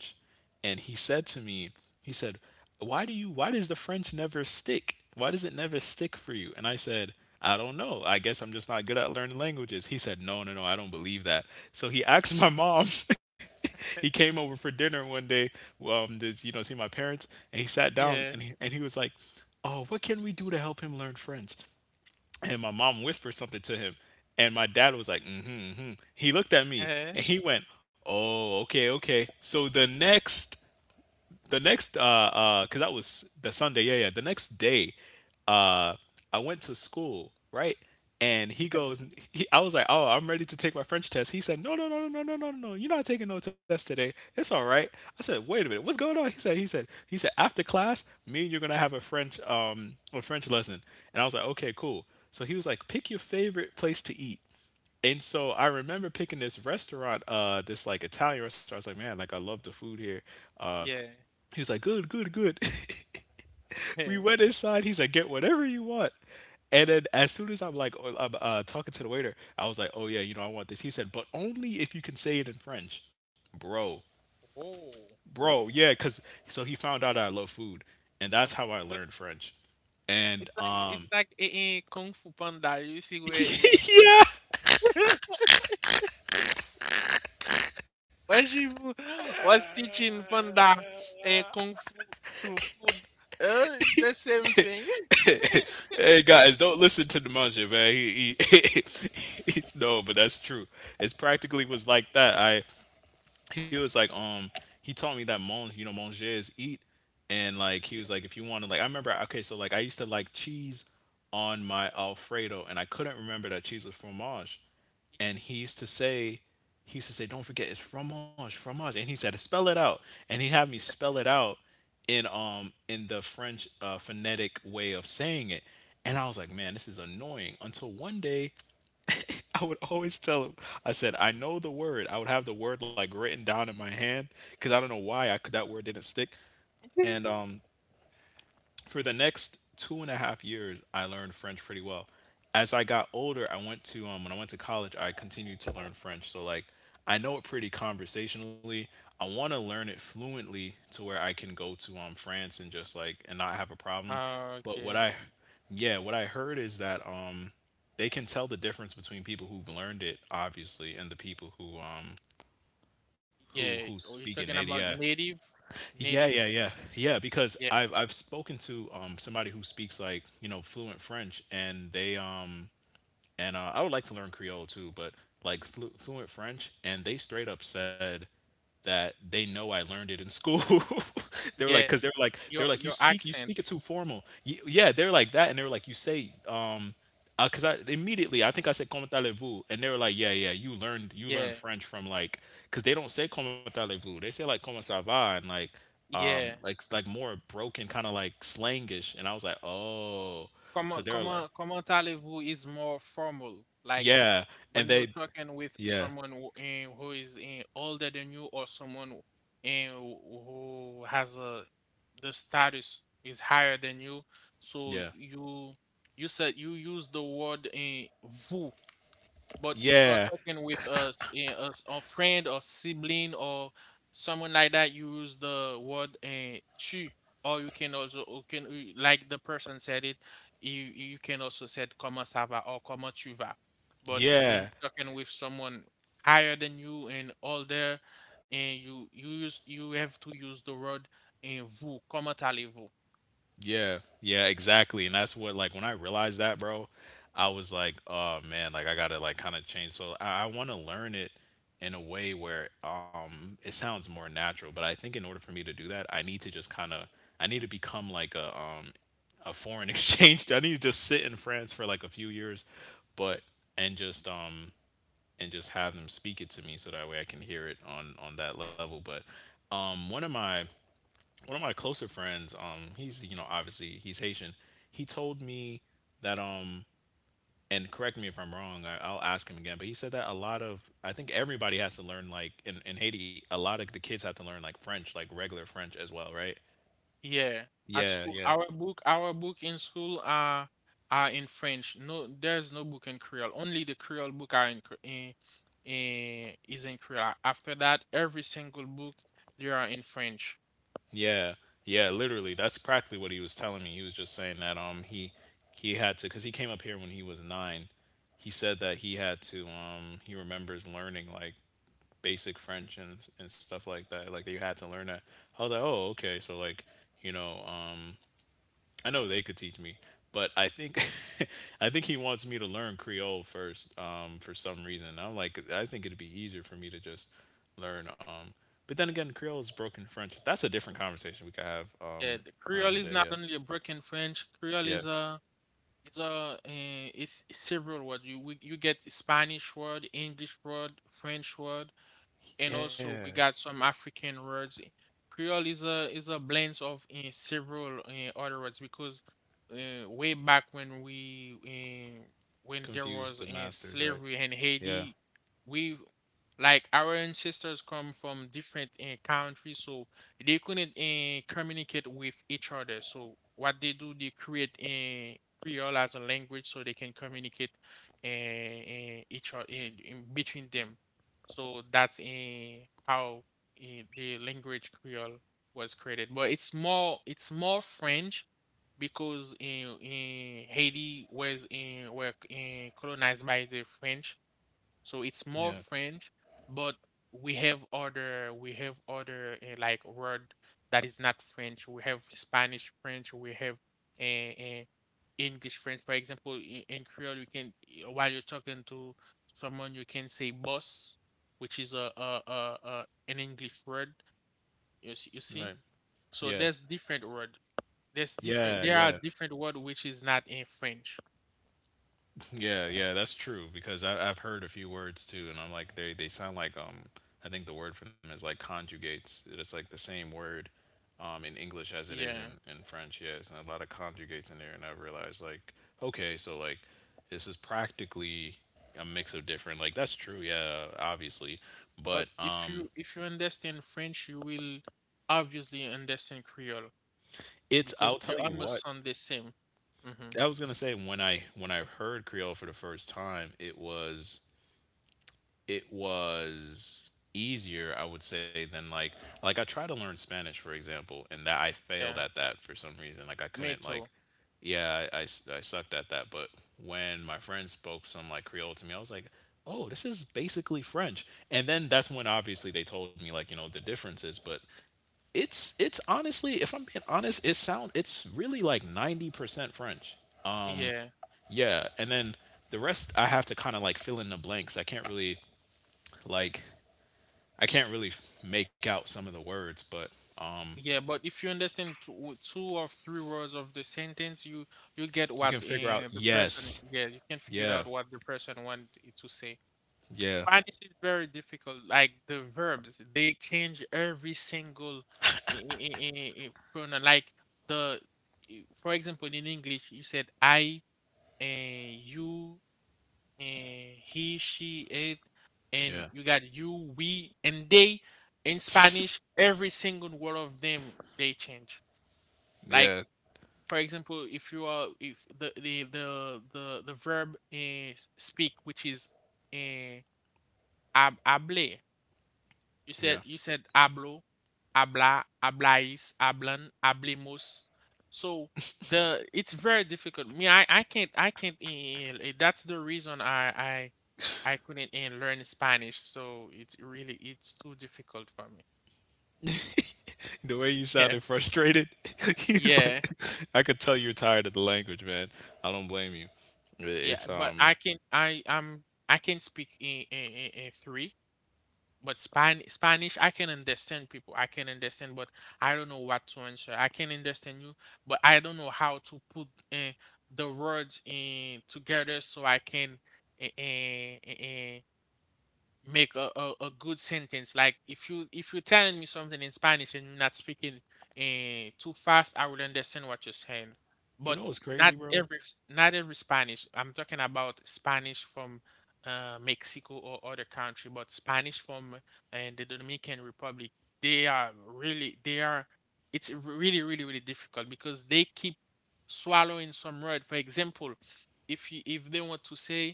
Speaker 2: and he said to me he said why do you why does the French never stick? Why does it never stick for you? And I said, I don't know, I guess I'm just not good at learning languages. He said, no, no, no, I don't believe that. So he asked my mom. [LAUGHS] He came over for dinner one day, to, see my parents, and he sat down,
Speaker 1: yeah,
Speaker 2: and he was like, oh, what can we do to help him learn French? And my mom whispered something to him, and my dad was like, mm-hmm, mm-hmm. He looked at me,
Speaker 1: uh,
Speaker 2: and he went, oh, okay, okay. So the next, the next uh because that was the Sunday, yeah, yeah, the next day, uh I went to school, right, and he goes, I was like, oh, I'm ready to take my French test. He said, no, no, no, no, no, no, no, no, you're not taking no test today, it's all right. I said, wait a minute, what's going on? He said after class, me and you're gonna have a French, a french lesson. And I was like, okay, cool. So he was like, pick your favorite place to eat. And so I remember picking this restaurant, this like Italian restaurant. I was like, man, like I love the food here. Uh,
Speaker 1: yeah,
Speaker 2: he was like, good, good, good. [LAUGHS]
Speaker 1: yeah.
Speaker 2: We
Speaker 1: [LAUGHS]
Speaker 2: went inside. He's like, get whatever you want. And then as soon as I'm like, oh, I'm talking to the waiter, I was like, oh yeah, I want this. He said, but only if you can say it in French, bro,
Speaker 1: Oh,
Speaker 2: bro, yeah, cause so he found out I love food, and
Speaker 1: uh,
Speaker 2: that's how I learned French. And
Speaker 1: it's like it's like in Kung Fu Panda. You see where she,
Speaker 2: [LAUGHS] yeah.
Speaker 1: [LAUGHS] where she w- was teaching Panda Kung Fu through food. It's the same thing. [LAUGHS]
Speaker 2: [LAUGHS] Hey guys, don't listen to Nemanja, man. [LAUGHS] No, but that's true. It's practically was like that. I He was like, he taught me that mon, you know, manger is eat, and like he
Speaker 1: Yeah,
Speaker 2: was like, if you want to, like, I remember, okay, so like I used to like cheese on my Alfredo, and I couldn't remember that cheese was fromage, and he used to say, don't forget it's fromage, fromage, and he said, spell it out, and he had me
Speaker 1: yeah,
Speaker 2: spell it out in the French phonetic way of saying it, and I was like, man, this is annoying. Until one day, [LAUGHS] I would always tell him. I said, I know the word. I would have the word like written down in my hand because I don't know why I could, that word didn't stick.
Speaker 1: yeah.
Speaker 2: And for the next 2.5 years, I learned French pretty well. As I got older, I went to when I went to college, I continued to learn French. So like I know it pretty conversationally. I want to learn it fluently to where I can go to France and just like, and not have a problem.
Speaker 1: [LAUGHS]
Speaker 2: But what
Speaker 1: Okay.
Speaker 2: I yeah, what I heard is that they can tell the difference between people who've learned it obviously, and the people who who
Speaker 1: Yeah, oh,
Speaker 2: speak
Speaker 1: you're
Speaker 2: it
Speaker 1: talking
Speaker 2: native, yeah.
Speaker 1: about native,
Speaker 2: Yeah, yeah,
Speaker 1: native.
Speaker 2: yeah, yeah, Because
Speaker 1: Yeah,
Speaker 2: I've spoken to somebody who speaks like, fluent French, and they, and I would like to learn Creole too, but like fluent French, and they straight up said that they know I learned it in school. [LAUGHS] They were like, because
Speaker 1: yeah.
Speaker 2: they were like, you
Speaker 1: Your
Speaker 2: speak
Speaker 1: accent.
Speaker 2: it too formal. Yeah, they were like that, and they were like, you say, because I think I said comment allez-vous, and they were like, yeah, yeah, you learned
Speaker 1: Yeah,
Speaker 2: French from like, because they don't say comment allez-vous, they say like comment ça va, and like.
Speaker 1: yeah.
Speaker 2: Like more broken, kind of like slangish, and I was like, oh. So
Speaker 1: Comment
Speaker 2: they were like,
Speaker 1: comment comment allez-vous is more formal. Like
Speaker 2: yeah, and
Speaker 1: when you're
Speaker 2: they,
Speaker 1: talking with
Speaker 2: yeah,
Speaker 1: someone who, who is older than you or someone who eh, who who has a the status is higher than you, so
Speaker 2: yeah,
Speaker 1: you said you use the word vous. But if you are
Speaker 2: yeah,
Speaker 1: talking with us, a friend or sibling or someone like that, you use the word tu, or you can also you can you- like the person said it, you can also said comment ça va or comment tu vas. But when
Speaker 2: yeah,
Speaker 1: you're talking with someone higher than you and older, and you use you have to use the word vous, comment allez-vous?
Speaker 2: yeah, yeah, exactly. And that's what like when I realized that, bro, I was like, oh man, like I gotta like kind of change. So I want to learn it in a way where it sounds more natural. But I think in order for me to do that, I need to just kind of, I need to become like a a foreign [LAUGHS] exchange. I need to just sit in France for like a few years, but and just um and just have them speak it to me so that way I can hear it on that level. But um, one of my one of my closer friends, he's, you know, obviously he's Haitian. He told me that and correct me if I'm wrong. I, I'll ask him again. But he said that a lot of I think everybody has to learn like in Haiti, a lot of the kids have to learn like French, like regular French as well, right?
Speaker 1: Yeah, at
Speaker 2: Yeah,
Speaker 1: school,
Speaker 2: yeah.
Speaker 1: our book in school are in French. No, there's no book in Creole. Only the Creole book are in, is in Creole. After that, every single book they are in French.
Speaker 2: Yeah, yeah, literally. That's practically what he was telling me. He was just saying that he had to because he came up here when he was 9. He said that he had to he remembers learning like basic French and stuff like that. Like you had to learn that. I was like, oh okay, so like, you know um I know they could teach me, but I think [LAUGHS] I think he wants me to learn Creole first, for some reason. And I'm like, I think it'd be easier for me to just learn. But then again, Creole is broken French. That's a different conversation we could have,
Speaker 1: Yeah, the
Speaker 2: for another
Speaker 1: Creole is
Speaker 2: day.
Speaker 1: not
Speaker 2: Yeah,
Speaker 1: only a broken French. Creole
Speaker 2: yeah,
Speaker 1: is a it's several word. You get Spanish word, English word, French word, and
Speaker 2: yeah.
Speaker 1: also we got some African words. Creole is a blend of several other words because way back when when there
Speaker 2: Confuse
Speaker 1: was
Speaker 2: the masters, right?
Speaker 1: slavery in
Speaker 2: Yeah,
Speaker 1: Haiti, we like our ancestors come from different countries, so they couldn't communicate with each other. So what they do, they create Creole as a language so they can communicate each other in between them. So that's in how the language Creole was created. But it's more French because in Haiti was in were in colonized by the French so it's more French, but we have other like word that is not French. We have Spanish French. We have uh, uh, English French. For example, I- in Creole, you can while you're talking to someone, you can say boss, which is a an English word. You see, you
Speaker 2: right.
Speaker 1: see. So
Speaker 2: Yeah,
Speaker 1: there's different word. There's
Speaker 2: yeah,
Speaker 1: different. There are
Speaker 2: yeah,
Speaker 1: different word which is not in French.
Speaker 2: yeah, yeah, that's true because I've heard a few words too, and I'm like they sound like, I think the word for them is like conjugates. It's like the same word, in English as it is
Speaker 1: Yeah.
Speaker 2: in French. Yeah, it's a lot of conjugates in there, and I realized like okay, so like this is practically a mix of different. Like that's true, yeah, obviously, but
Speaker 1: But if you if you understand French, you will obviously understand Creole
Speaker 2: it's I'll
Speaker 1: because
Speaker 2: tell
Speaker 1: they
Speaker 2: you what,
Speaker 1: almost sound the same. Mm-hmm.
Speaker 2: I was gonna say when I heard Creole for the first time, it was easier, I would say, than like, I tried to learn Spanish, for example, and that I failed at
Speaker 1: Yeah,
Speaker 2: that for some reason, like I couldn't
Speaker 1: me
Speaker 2: like,
Speaker 1: too.
Speaker 2: yeah, I sucked at that, but when my friend spoke some like Creole to me, I was like, oh, this is basically French. And then that's when obviously they told me, like, the differences, but it's, honestly, if I'm being honest, it's really like 90% French, um
Speaker 1: Yeah,
Speaker 2: yeah. And then the rest I have to kind of like fill in the blanks. I can't really like I can't really make out some of the words, but um,
Speaker 1: yeah. But if you understand two or three words of the sentence, you get
Speaker 2: you can
Speaker 1: what
Speaker 2: figure out.
Speaker 1: the person.
Speaker 2: Yes.
Speaker 1: Yeah, you can figure
Speaker 2: Yeah.
Speaker 1: out what the person wanted to say.
Speaker 2: Yeah.
Speaker 1: Spanish is very difficult. Like the verbs, they change every single pronoun. Like the, I- for example, in English, you said I, and you and he, she, it,
Speaker 2: Yeah.
Speaker 1: and you got you, we, and they in Spanish. Every single word of them they change. Like
Speaker 2: Yeah.
Speaker 1: for example, if you are if the verb speak, which is uh, hable, you
Speaker 2: Yeah.
Speaker 1: said you said hablo, habla, hablais, hablan, hablemos. So the it's very difficult. Me, I can't. That's the reason I couldn't and learn Spanish, so it's really it's too difficult for me.
Speaker 2: The way you
Speaker 1: [LAUGHS]
Speaker 2: sounded
Speaker 1: Yeah.
Speaker 2: frustrated, [LAUGHS] he's like,
Speaker 1: Yeah,
Speaker 2: I could tell you're tired of the language, man. I don't blame you. It's,
Speaker 1: yeah, but I can speak in in three, but Spanish I can understand people. I can understand, but I don't know what to answer. I can understand you, but I don't know how to put the words in together so I can uh, make a good sentence like if you if you're telling me something in Spanish and you're not speaking too fast I would understand what you're saying.
Speaker 2: you know
Speaker 1: But
Speaker 2: what's crazy,
Speaker 1: not
Speaker 2: bro?
Speaker 1: every not every Spanish, I'm talking about Spanish from Mexico or other country, but Spanish from and the Dominican Republic, they are really they are it's really really really difficult because they keep swallowing some word. For example, if you if they want to say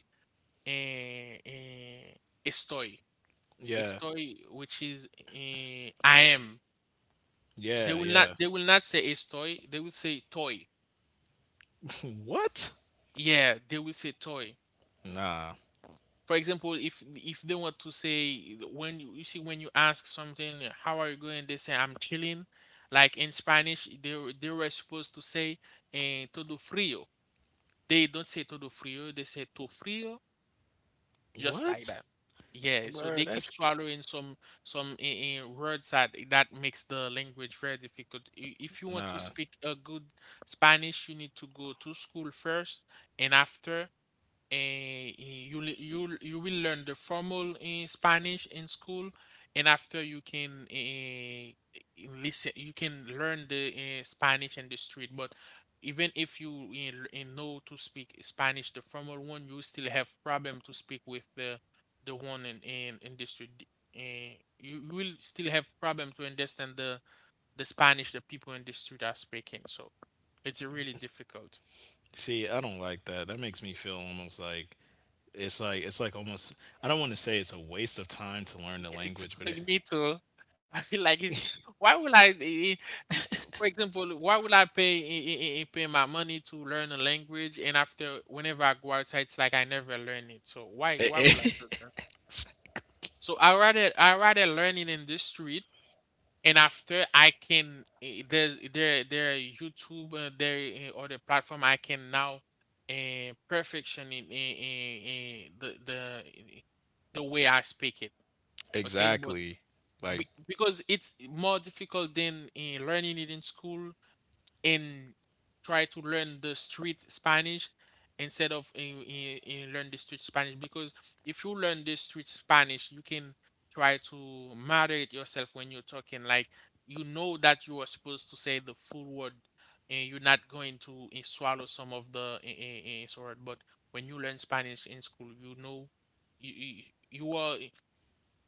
Speaker 1: uh, uh, estoy
Speaker 2: Yeah.
Speaker 1: estoy, which is I am.
Speaker 2: Yeah.
Speaker 1: They will
Speaker 2: Yeah.
Speaker 1: not they will not say estoy, they will say toy.
Speaker 2: [LAUGHS] What?
Speaker 1: Yeah, they will say toy.
Speaker 2: Nah.
Speaker 1: For example, if they want to say when you see when you ask something, how are you going? They say I'm chilling. Like in Spanish, they were supposed to say todo frío. They don't say todo frío, they say to frío just like
Speaker 2: What?
Speaker 1: that. Yeah, so
Speaker 2: Bro,
Speaker 1: they
Speaker 2: that's,
Speaker 1: keep swallowing some words that that makes the language very difficult. I- If you want
Speaker 2: nah.
Speaker 1: to speak a good Spanish, you need to go to school first, and after and you li- you will learn the formal in Spanish in school, and after you can listen, you can learn the Spanish in the street. But even if you know to speak Spanish, the formal one, you still have problem to speak with the one in in the street. Uh, you you will still have problem to understand the Spanish the people in the street are speaking. So it's really difficult.
Speaker 2: See, I don't like that. That makes me feel almost like, it's like almost, I don't want to say it's a waste of time to learn the
Speaker 1: Yeah, it's
Speaker 2: language, but
Speaker 1: [LAUGHS]
Speaker 2: it,
Speaker 1: me too. [LAUGHS] I feel like it, why would I, eh, for example, why would I pay pay my money to learn a language and after whenever I go outside, it's like I never learn it. So
Speaker 2: it,
Speaker 1: why would I do
Speaker 2: it
Speaker 1: that? So I rather learn it in the street and after I can there's there there are YouTube there other platform I can now perfection in the way I speak it.
Speaker 2: [LAUGHS]
Speaker 1: Okay, but
Speaker 2: exactly, like
Speaker 1: be- because it's more difficult than in learning it in school and try to learn the street Spanish instead of in learn the street Spanish. Because if you learn the street Spanish, you can try to moderate yourself when you're talking. Like you know that you are supposed to say the full word, and you're not going to swallow some of the sort. But when you learn Spanish in school, you know you you, you are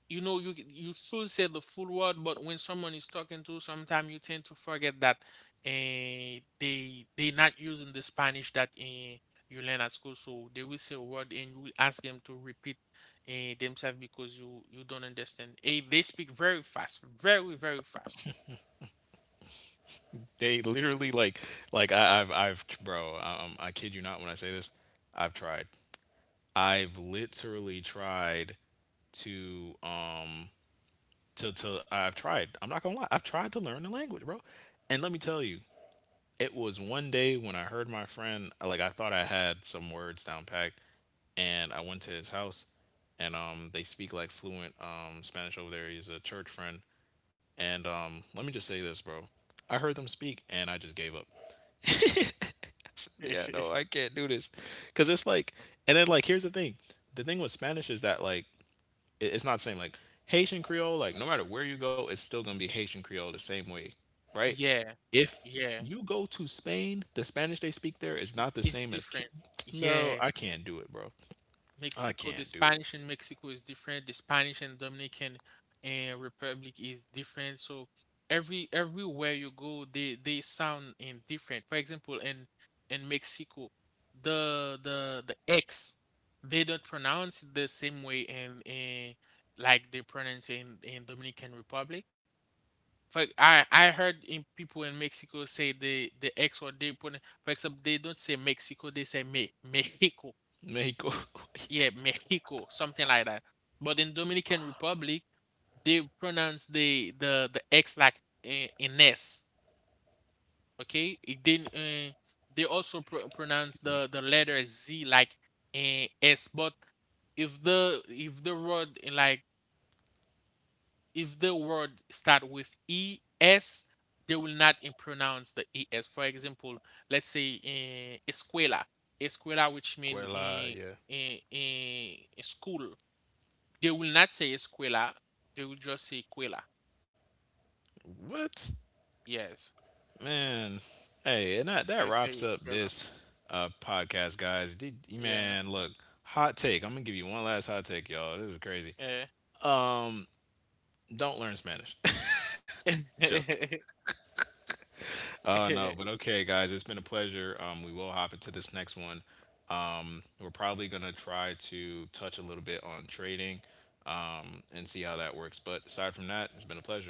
Speaker 1: you know you you should say the full word, but when someone is talking to you sometimes you tend to forget that they not using the Spanish that you learn at school, so they will say a word and you will ask them to repeat themselves because you don't understand. Eh, they speak very fast very very fast.
Speaker 2: they literally like, I've bro, I kid you not when I say this. I've tried, I've literally tried to I've tried, I'm not gonna lie, I've tried to learn the language, bro, and let me tell you. It was one day when I heard my friend, like I thought I had some words down packed, and I went to his house, and they speak like fluent Spanish over there. He's a church friend, and let me just say this, bro. I heard them speak, and I just gave up. Yeah, no, I
Speaker 1: [LAUGHS]
Speaker 2: can't do this, cause it's like, and then like here's the thing. The thing with Spanish is that like it, it's not the same. Like Haitian Creole, like no matter where you go, it's still gonna be Haitian Creole the same way, right?
Speaker 1: Yeah,
Speaker 2: If
Speaker 1: yeah,
Speaker 2: you go to Spain, the Spanish they speak there is not the
Speaker 1: it's
Speaker 2: same as Cuba.
Speaker 1: different.
Speaker 2: Bro, I
Speaker 1: Yeah,
Speaker 2: can't do it, bro. I
Speaker 1: Mexico,
Speaker 2: can't
Speaker 1: the
Speaker 2: do it.
Speaker 1: Spanish in Mexico is different. The Spanish and Dominican Republic is different. So every everywhere you go, they sound in different. For example, in Mexico, the X, they don't pronounce it the same way in like they pronounce in Dominican Republic. For I heard in people in Mexico say the X or they pronounce. For example, they don't say Mexico, they say Me [LAUGHS] Mexico,
Speaker 2: Mexico, [LAUGHS] excuse
Speaker 1: yeah, Mexico, something like that. But in Dominican Republic, they pronounce the X like an S. Okay, it didn't. They also pro- pronounce
Speaker 2: me.
Speaker 1: the letter Z like S. But if the word like if the word start with E S, they will not pronounce the E S. For example, let's say escuela, which mean
Speaker 2: Escuela, yeah.
Speaker 1: in school. They will not say escuela. They will just say quela.
Speaker 2: What?
Speaker 1: Yes.
Speaker 2: Man. Hey, and that, that
Speaker 1: They
Speaker 2: wraps up
Speaker 1: say quela.
Speaker 2: this, podcast, guys. Did,
Speaker 1: Yeah.
Speaker 2: man, look, hot take. I'm going to give you one last hot take, y'all. This is crazy.
Speaker 1: Yeah.
Speaker 2: Don't learn Spanish. [LAUGHS] Joke.
Speaker 1: [LAUGHS]
Speaker 2: Oh no, but okay, guys, it's been a pleasure. We will hop into this next one. We're probably gonna try to touch a little bit on trading, and see how that works. But aside from that, it's been a pleasure.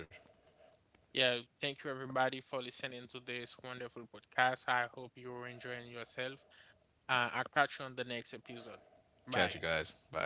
Speaker 1: yeah. Thank you everybody for listening to this wonderful podcast. I hope you're enjoying yourself. I'll catch you on the next episode.
Speaker 2: Catch you
Speaker 1: Bye.
Speaker 2: guys. Bye.